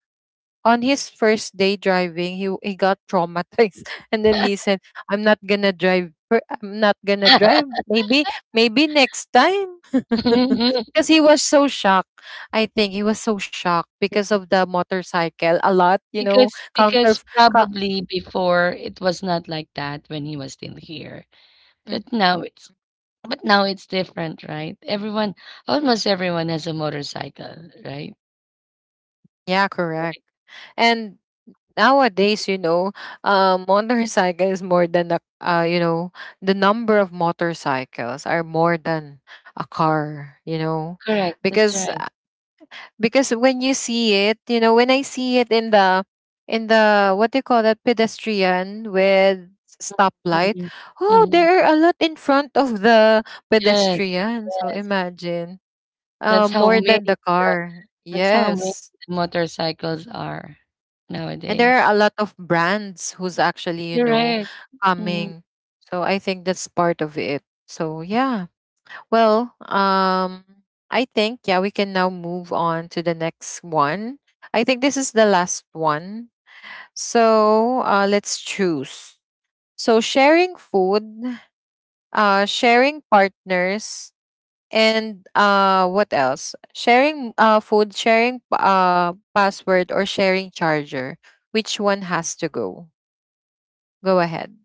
A: On his first day driving, he he got traumatized, and then he said, "I'm not gonna drive. per- I'm not gonna drive. Maybe, maybe next time,"
B: yeah.
A: because he was so shocked. I think he was so shocked because of the motorcycle a lot, you know,
B: Because
A: counter.
B: because
A: Co-
B: probably before it was not like that when he was still here.
A: Mm,
B: But now it's but now it's different, right? Everyone, almost everyone has a motorcycle, right?
A: yeah,
B: Right.
A: correct. And nowadays, you know, uh, motorcycle is more than a, uh, you know, the number of motorcycles are more than a car, you know,
B: Correct. That's
A: because
B: right.
A: because when you see it, you know, when I see it in the, in the, what do you call that, pedestrian with stoplight.
B: Hmm.
A: Oh,
B: Hmm.
A: there are a lot in front of the
B: Yes,
A: pedestrian. So
B: yes.
A: imagine, uh,
B: That's how
A: more than
B: many
A: the
B: the,
A: car.
B: that's how many
A: Yes,
B: the motorcycles are
A: and there are
B: nowadays.
A: a lot of brands who's actually, you know,
B: Correct. Mhm.
A: coming. So I think that's part of it. So yeah. Well, um, I think, yeah, we can now move on to the next one. I think this is the last one. So uh, let's choose. So sharing food, uh, sharing partners, and uh, what else? Sharing uh, food, sharing uh, password, or sharing charger. Which one has to go? Go ahead.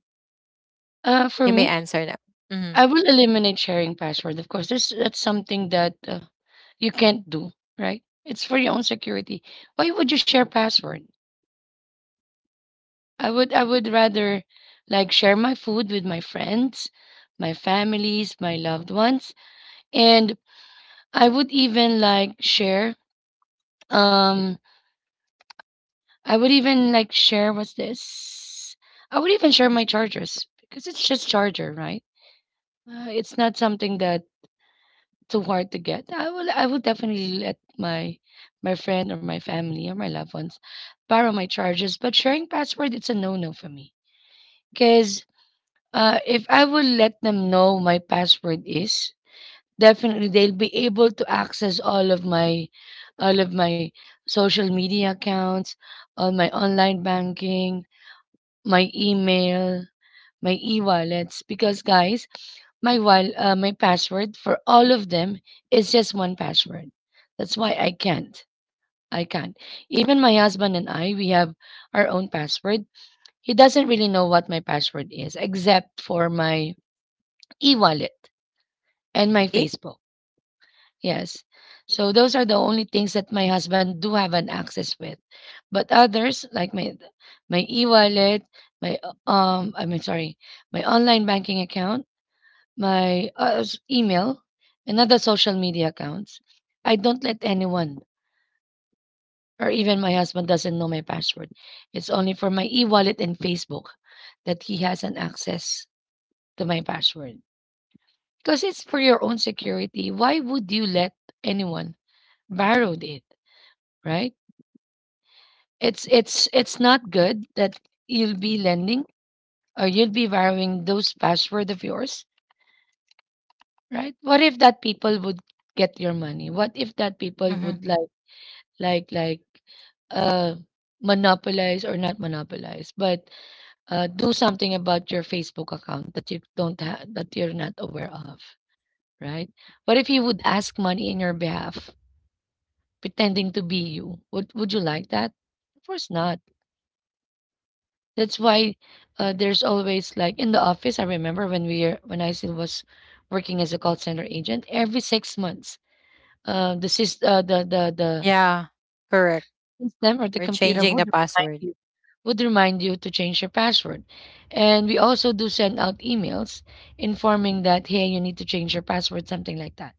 B: Uh, for
A: You may
B: me,
A: answer now. Mm-hmm.
B: I will eliminate sharing password. Of course, this that's something that uh, you can't do, right? It's for your own security. Why would you share password? I would I would rather like share my food with my friends, my families, my loved ones, and I would even like share um I would even like share, what's this? I would even share my chargers because it's just charger, right? Uh, it's not something that too hard to get. I will I will definitely let my my friend or my family or my loved ones borrow my charges. But sharing password, it's a no no for me because uh, if I will let them know my password is, definitely they'll be able to access all of my all of my social media accounts, all my online banking, my email, my e-wallets, because guys, my while uh, my password for all of them is just one password. That's why I can't. I can't. Even my husband and I, we have our own password. He doesn't really know what my password is except for my e-wallet and my Facebook. Yes. So those are the only things that my husband do have an access with. But others like my my e-wallet, my uh, um I mean sorry, my online banking account, my uh, s- email, and other social media accounts. I don't let anyone, or even my husband doesn't know my password. It's only for my e-wallet and Facebook that he has an access to my password. Because it's for your own security. Why would you let anyone borrowed it, right? It's it's it's not good that you'll be lending or you'll be borrowing those password of yours, right? What if that people would get your money? What if that people
A: Mm-hmm.
B: would like like like uh monopolize, or not monopolize, but uh do something about your Facebook account that you don't have, that you're not aware of, right? What if he would ask money in your behalf pretending to be you? would would you like that? Of course not. That's why uh, there's always like in the office, I remember when we are- when I still was working as a call center agent, every six months, uh the sys- uh, the the the
A: Yeah, correct.
B: system or the
A: We're
B: computer
A: changing
B: would
A: the
B: remind
A: password.
B: you, would remind you to change your password. And we also do send out emails informing that, hey, you need to change your password, something like that.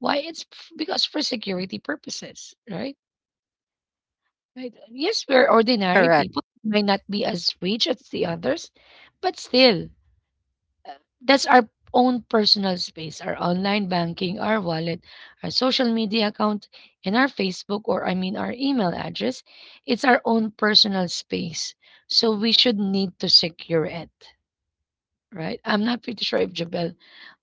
B: Why? It's f- because for security purposes, right? Right. Yes, we're ordinary
A: Correct.
B: people. We may not be as rich as the others, but still, that's our own personal space, our online banking, our wallet, our social media account, and our Facebook, or I mean our email address. It's our own personal space, so we should need to secure it, right? I'm not pretty sure if Jabel,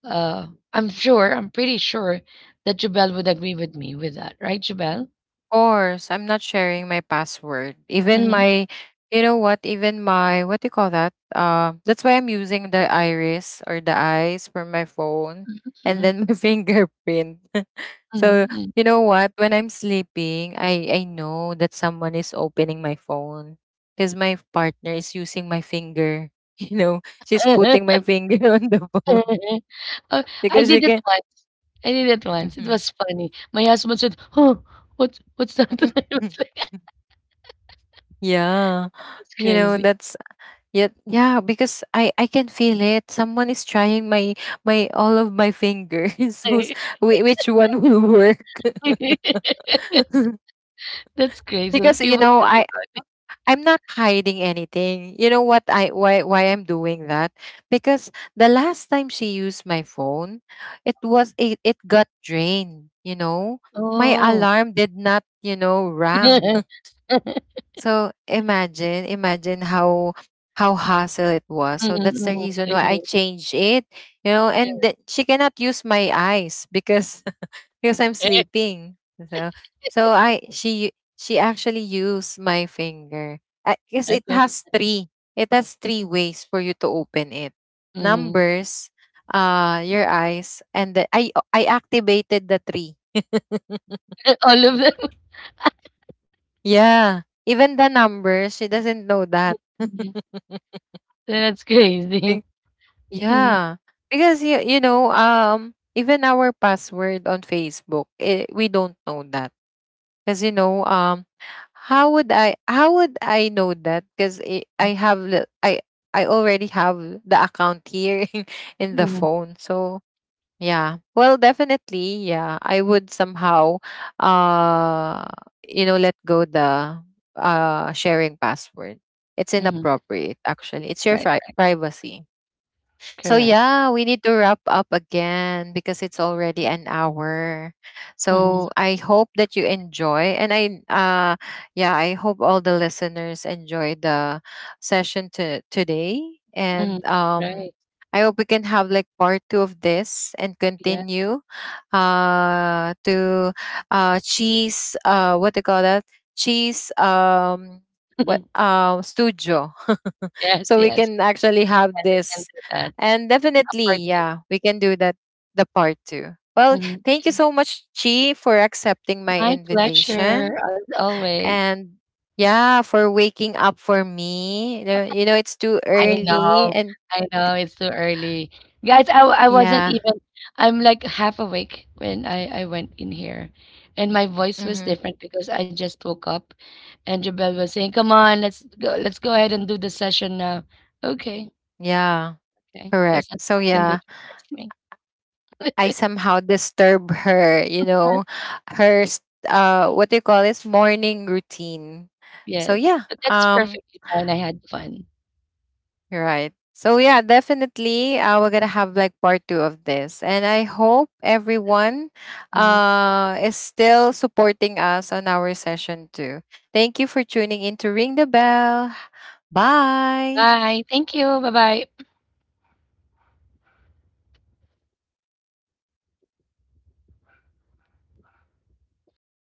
B: uh, I'm sure, I'm pretty sure that Jabel would agree with me with that, right, Jabel?
A: Course, I'm not sharing my password. Even
B: Mm-hmm,
A: my, you know what? Even my, what do you call that? Uh, that's why I'm using the iris or the eyes for my phone and
B: mm-hmm,
A: then my fingerprint. So,
B: mm-hmm.
A: you know what? When I'm sleeping, I, I know that someone is opening my phone, because my partner is using my finger. You know, she's putting my finger on the phone
B: Uh, I
A: because she
B: did it
A: can.
B: I did it once. It
A: Mhm.
B: was funny. My husband said, "Oh, what's what's that?" I was like,
A: Yeah.
B: "That's
A: You know,
B: crazy."
A: that's, yet, yeah, because I I can feel it. Someone is trying my, my all of my fingers. Who's, whi- which one will work?
B: That's crazy
A: Because
B: if you
A: you
B: would
A: know,
B: think
A: I,
B: about it.
A: I'm not hiding anything. You know what, I, why why I'm doing that? Because the last time she used my phone, it was, it, it got drained, you know. My
B: Oh.
A: alarm did not, you know, rang. So imagine, imagine how how hassle it was.
B: Mhm,
A: So that's the
B: mhm,
A: reason why I
B: really,
A: changed it, you know.
B: yeah.
A: And th- she cannot use my eyes because because I'm sleeping. So, so I, she she actually used my finger. I guess
B: That
A: it
B: was
A: has three. It has three ways for you to open it:
B: mhm.
A: numbers, uh, your eyes, and the, I I activated the three.
B: All of them.
A: Yeah. Even the numbers, she doesn't know that.
B: Mhm. That's crazy.
A: Think-
B: Mhm,
A: Yeah, because you you know, um even our password on Facebook, eh, we don't know that. Because you know, um how would I, how would I know that, because I have the- I I already have the account here in, in the
B: mhm,
A: phone. So yeah, well, definitely, yeah, I would somehow uh you know, let go the, uh sharing password. It's
B: mhm.
A: inappropriate actually, it's your
B: Right.
A: fri- privacy. So
B: Correct.
A: yeah, we need to wrap up again because it's already an hour.
B: Mhm,
A: So I hope that you enjoy, and I uh yeah, I hope all the listeners enjoy the session to today.
B: mhm.
A: And um
B: Right.
A: I hope we can have like part two of this and
B: Yes.
A: continue uh to, uh cheese, uh what do you call that? Cheese, um what, um studio,
B: Yes,
A: so we
B: yes.
A: can actually have
B: And I can
A: this.
B: do that.
A: And
B: A part
A: definitely
B: two.
A: yeah, we can do that, the part two. Well, thank you
B: Mhm.
A: so much, Chi, for accepting my
B: My pleasure,
A: invitation,
B: as always.
A: and yeah, for waking up for me. You know, you know, it's too
B: I
A: early.
B: know,
A: And
B: I know it's too early. Guys, I, w- I wasn't
A: yeah.
B: even, I'm like half awake when I, I went in here. And my voice was
A: Hmm.
B: different because I just woke up, and Jabel was saying, come on, let's go, let's go ahead and do the session now. Okay,
A: Yeah,
B: okay.
A: correct.
B: There's nothing
A: So
B: you can do
A: yeah,
B: to force me.
A: I somehow disturb her, you know, her s- uh what do you call this, morning routine. So
B: Yes,
A: yeah,
B: but that's
A: um
B: perfectly fine. I had fun.
A: right. So yeah, definitely, uh, we're gonna have like part two of this. And I hope everyone
B: Mhm.
A: uh is still supporting us on our session too. Thank you for tuning in to Ring the Bell. Bye.
B: Bye. Thank you. Bye bye.